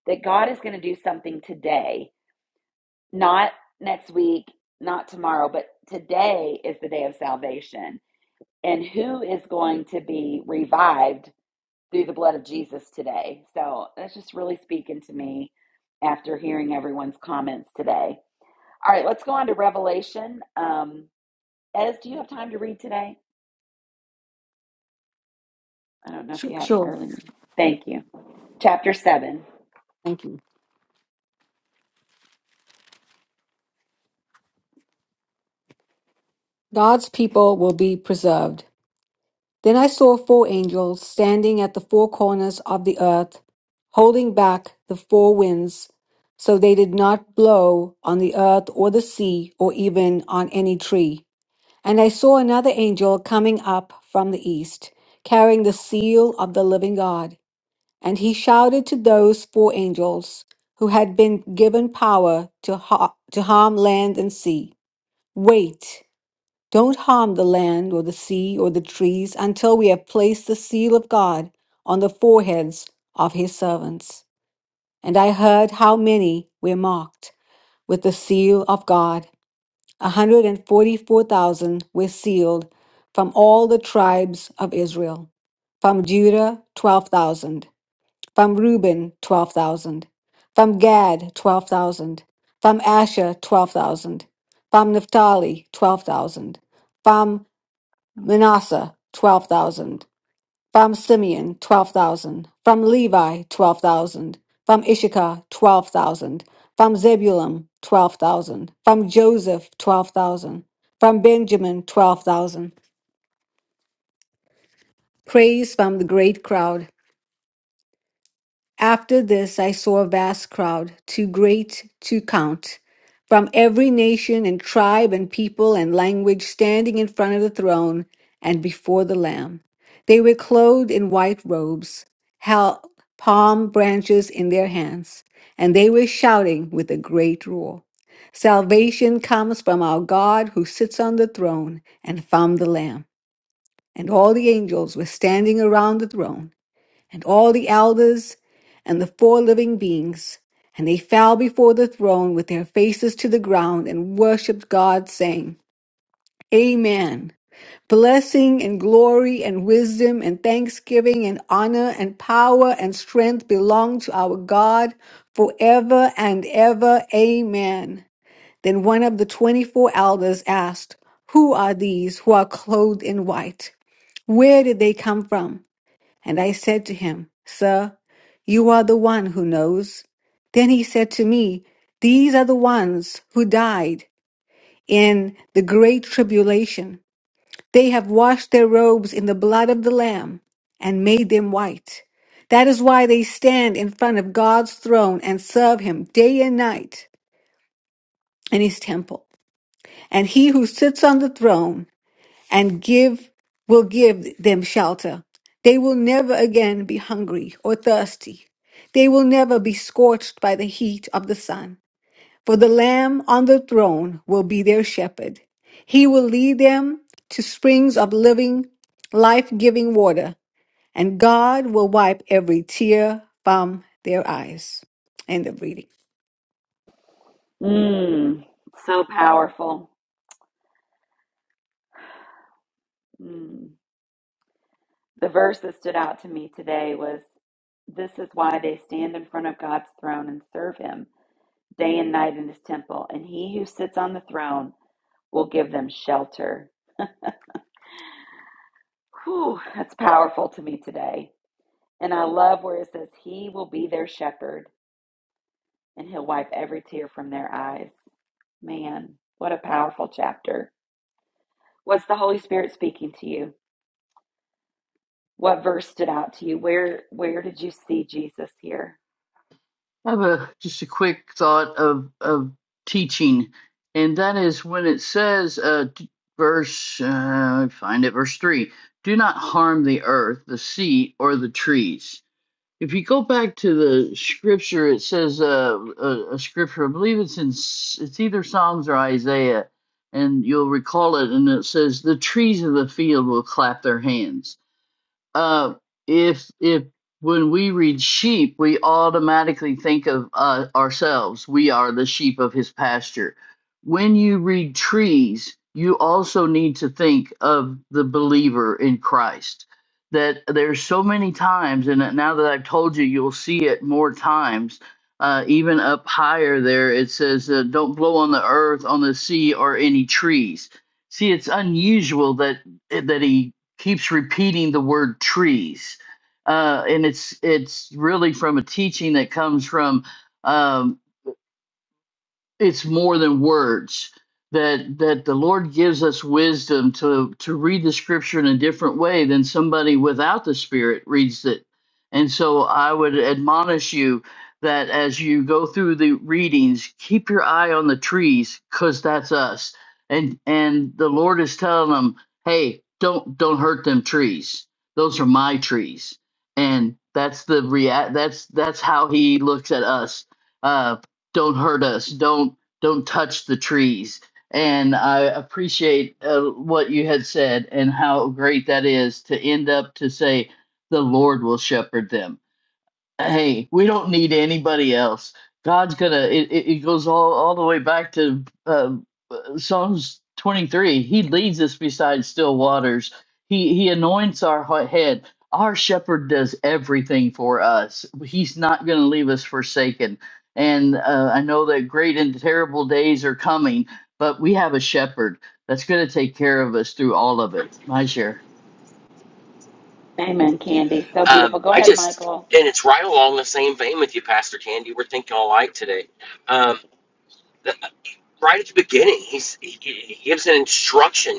A: that God is going to do something today, not next week, not tomorrow, but today is the day of salvation. And who is going to be revived through the blood of Jesus today? So that's just really speaking to me after hearing everyone's comments today. All right, let's go on to Revelation. Um, Ez, do you have time to read today? I don't know if
F: Sure,
A: you have
F: sure.
A: early. Thank you. Chapter 7.
F: Thank you. God's people will be preserved. Then I saw four angels standing at the four corners of the earth, holding back the four winds, so they did not blow on the earth or the sea or even on any tree. And I saw another angel coming up from the east, carrying the seal of the living God. And he shouted to those four angels who had been given power to, ha- to harm land and sea Wait, don't harm the land or the sea or the trees until we have placed the seal of God on the foreheads of his servants. And I heard how many were marked with the seal of God. A 144,000 were sealed from all the tribes of Israel, from Judah, 12,000 from Reuben, 12,000. From Gad, 12,000. From Asher, 12,000. From Naphtali, 12,000. From Manasseh, 12,000. From Simeon, 12,000. From Levi, 12,000. From Issachar, 12,000. From Zebulun, 12,000. From Joseph, 12,000. From Benjamin, 12,000. Praise from the great crowd. After this, I saw a vast crowd, too great to count, from every nation and tribe and people and language standing in front of the throne and before the Lamb. They were clothed in white robes, held palm branches in their hands, and they were shouting with a great roar Salvation comes from our God who sits on the throne and from the Lamb. And all the angels were standing around the throne and all the elders and the four living beings. And they fell before the throne with their faces to the ground and worshiped God, saying, Amen. Blessing and glory and wisdom and thanksgiving and honor and power and strength belong to our God forever and ever. Amen. Then one of the 24 elders asked, Who are these who are clothed in white? Where did they come from? And I said to him, Sir, you are the one who knows. Then he said to me, These are the ones who died in the great tribulation. They have washed their robes in the blood of the Lamb and made them white. That is why they stand in front of God's throne and serve him day and night in his temple. And he who sits on the throne and give will give them shelter. They will never again be hungry or thirsty. They will never be scorched by the heat of the sun. For the Lamb on the throne will be their shepherd. He will lead them to springs of living, life giving water, and God will wipe every tear from their eyes. End of reading.
A: Mm, so powerful. Mm. The verse that stood out to me today was This is why they stand in front of God's throne and serve him day and night in his temple, and he who sits on the throne will give them shelter. Whew, that's powerful to me today. And I love where it says, He will be their shepherd, and he'll wipe every tear from their eyes. Man, what a powerful chapter. What's the Holy Spirit speaking to you? What verse stood out to you? Where where did you see Jesus here?
B: I have a just a quick thought of of teaching, and that is when it says, uh, t- verse uh, find it verse three: Do not harm the earth, the sea, or the trees. If you go back to the scripture, it says uh, a, a scripture. I believe it's in S- it's either Psalms or Isaiah, and you'll recall it. And it says, "The trees of the field will clap their hands." uh, if if when we read sheep, we automatically think of uh, ourselves. We are the sheep of his pasture. When you read trees, you also need to think of the believer in Christ. That there's so many times, and now that I've told you, you'll see it more times. Uh, even up higher there, it says, uh, "Don't blow on the earth, on the sea, or any trees." See, it's unusual that that he keeps repeating the word trees uh, and it's it's really from a teaching that comes from um, it's more than words that that the lord gives us wisdom to to read the scripture in a different way than somebody without the spirit reads it and so i would admonish you that as you go through the readings keep your eye on the trees cuz that's us and and the lord is telling them hey don't don't hurt them trees those are my trees and that's the rea- that's that's how he looks at us Um don't hurt us don't don't touch the trees and i appreciate uh, what you had said and how great that is to end up to say the lord will shepherd them hey we don't need anybody else god's gonna it, it, it goes all, all the way back to uh, uh, Psalms 23, he leads us beside still waters. He he anoints our head. Our shepherd does everything for us. He's not going to leave us forsaken. And uh, I know that great and terrible days are coming, but we have a shepherd that's going to take care of us through all of it. My share.
A: Amen, Candy. So
H: Um,
A: beautiful. Go
H: I
A: ahead,
H: just,
A: Michael.
H: and it's right along the same vein with you, Pastor Candy. We're thinking alike today. Um, th- right at the beginning, he's, he, he gives an instruction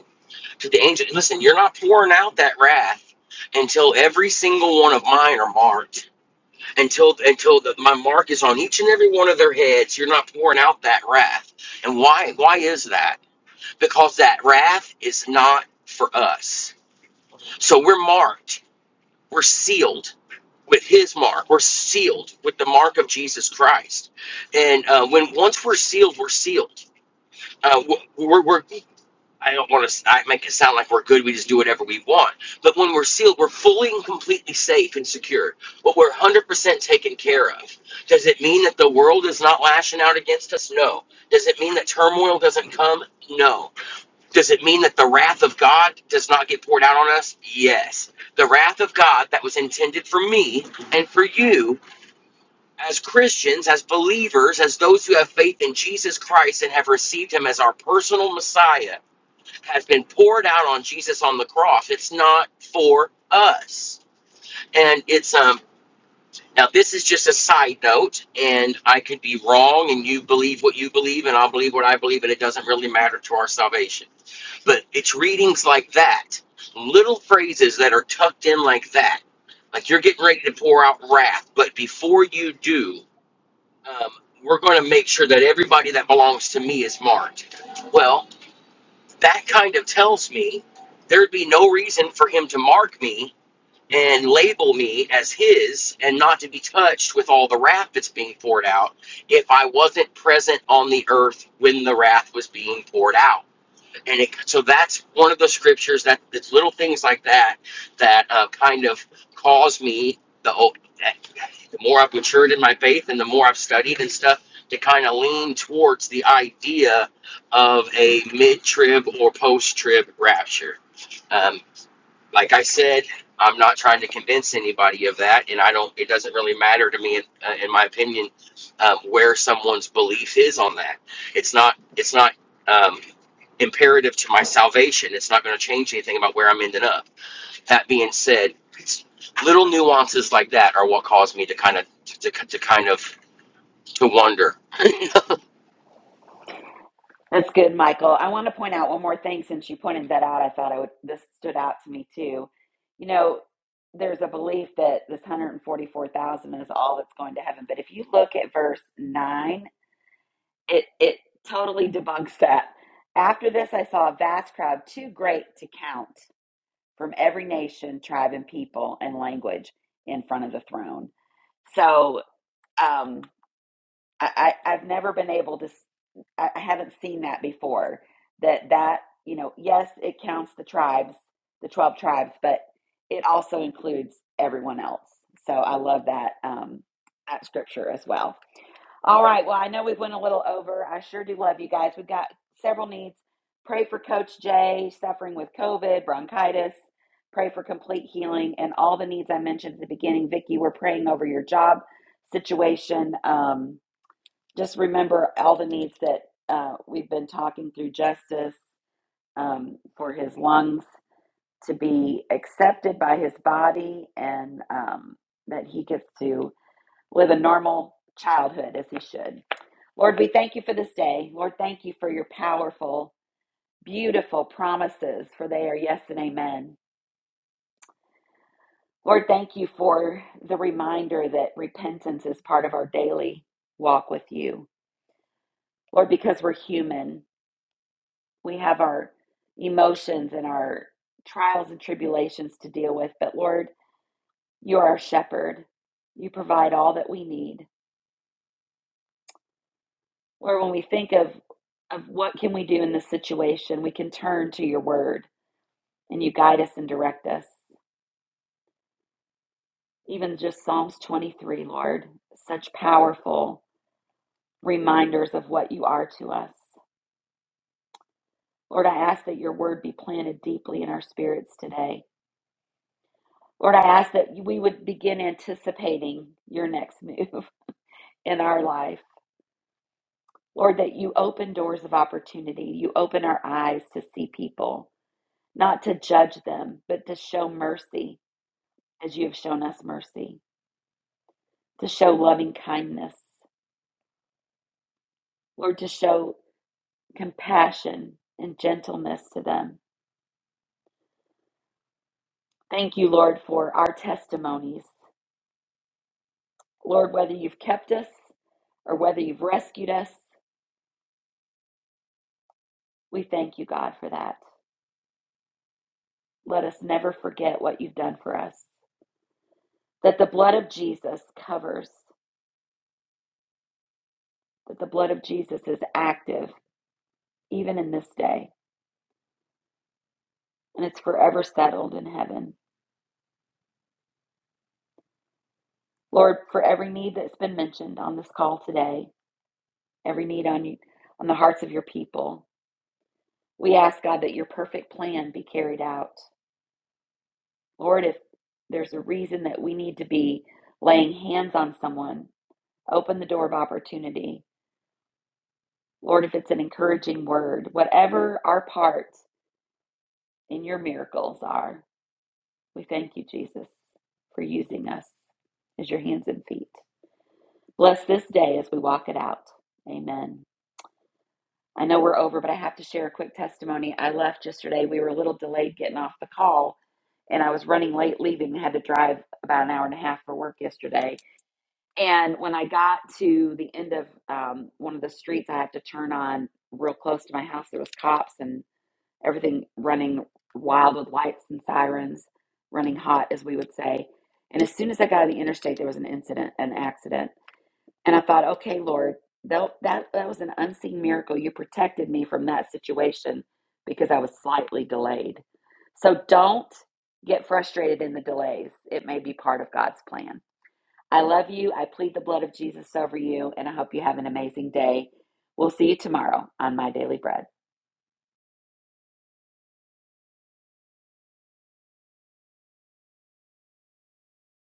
H: to the angel. Listen, you're not pouring out that wrath until every single one of mine are marked. Until until the, my mark is on each and every one of their heads, you're not pouring out that wrath. And why? Why is that? Because that wrath is not for us So we're marked. We're sealed with His mark. We're sealed with the mark of Jesus Christ. And uh, when once we're sealed, we're sealed. Uh, we're, we're I don't want to I make it sound like we're good. We just do whatever we want. But when we're sealed, we're fully and completely safe and secure. But we're 100% taken care of. Does it mean that the world is not lashing out against us? No. Does it mean that turmoil doesn't come? No does it mean that the wrath of God does not get poured out on us? Yes. The wrath of God that was intended for me and for you as Christians, as believers, as those who have faith in Jesus Christ and have received him as our personal Messiah has been poured out on Jesus on the cross. It's not for us. And it's um now this is just a side note and I could be wrong and you believe what you believe and I'll believe what I believe and it doesn't really matter to our salvation but it's readings like that, little phrases that are tucked in like that. Like you're getting ready to pour out wrath, but before you do, um, we're going to make sure that everybody that belongs to me is marked. Well, that kind of tells me there'd be no reason for him to mark me and label me as his and not to be touched with all the wrath that's being poured out if I wasn't present on the earth when the wrath was being poured out and it, so that's one of the scriptures that it's little things like that that uh, kind of cause me the, o- the more I've matured in my faith and the more I've studied and stuff to kind of lean towards the idea of a mid-trib or post-trib rapture Um, like I said, I'm not trying to convince anybody of that, and I don't. It doesn't really matter to me, in, uh, in my opinion, um, where someone's belief is on that. It's not. It's not um, imperative to my salvation. It's not going to change anything about where I'm ending up. That being said, it's little nuances like that are what cause me to kind of to, to kind of to wonder.
A: That's good, Michael. I want to point out one more thing since you pointed that out. I thought I would this stood out to me too. You know, there's a belief that this 144,000 is all that's going to heaven, but if you look at verse 9, it it totally debunks that. After this I saw a vast crowd too great to count from every nation, tribe and people and language in front of the throne. So um, I, I, I've never been able to, s- I, I haven't seen that before. That that you know, yes, it counts the tribes, the twelve tribes, but it also includes everyone else. So I love that um, that scripture as well. All right. Well, I know we went a little over. I sure do love you guys. We've got several needs. Pray for Coach Jay suffering with COVID, bronchitis. Pray for complete healing and all the needs I mentioned at the beginning. Vicki, we're praying over your job situation. Um, just remember all the needs that uh, we've been talking through justice um, for his lungs to be accepted by his body and um, that he gets to live a normal childhood as he should. Lord, we thank you for this day. Lord, thank you for your powerful, beautiful promises, for they are yes and amen. Lord, thank you for the reminder that repentance is part of our daily walk with you. Lord, because we're human, we have our emotions and our trials and tribulations to deal with. But Lord, you are our shepherd. You provide all that we need. Lord, when we think of of what can we do in this situation, we can turn to your word and you guide us and direct us. Even just Psalms 23, Lord, such powerful reminders of what you are to us. Lord, I ask that your word be planted deeply in our spirits today. Lord, I ask that we would begin anticipating your next move in our life. Lord, that you open doors of opportunity. You open our eyes to see people, not to judge them, but to show mercy as you have shown us mercy, to show loving kindness, Lord, to show compassion and gentleness to them. Thank you, Lord, for our testimonies. Lord, whether you've kept us or whether you've rescued us, we thank you, God, for that. Let us never forget what you've done for us. That the blood of Jesus covers, that the blood of Jesus is active even in this day, and it's forever settled in heaven. Lord, for every need that's been mentioned on this call today, every need on you, on the hearts of your people. We ask God that your perfect plan be carried out. Lord, if there's a reason that we need to be laying hands on someone, open the door of opportunity. Lord, if it's an encouraging word, whatever our part in your miracles are, we thank you, Jesus, for using us as your hands and feet. Bless this day as we walk it out. Amen. I know we're over, but I have to share a quick testimony. I left yesterday. We were a little delayed getting off the call, and I was running late leaving. I had to drive about an hour and a half for work yesterday. And when I got to the end of um, one of the streets, I had to turn on real close to my house. There was cops and everything running wild with lights and sirens, running hot, as we would say. And as soon as I got on the interstate, there was an incident, an accident and I thought, okay, Lord, that, that, that was an unseen miracle. You protected me from that situation because I was slightly delayed. So don't get frustrated in the delays. It may be part of God's plan. I love you. I plead the blood of Jesus over you, and I hope you have an amazing day. We'll see you tomorrow on My Daily Bread.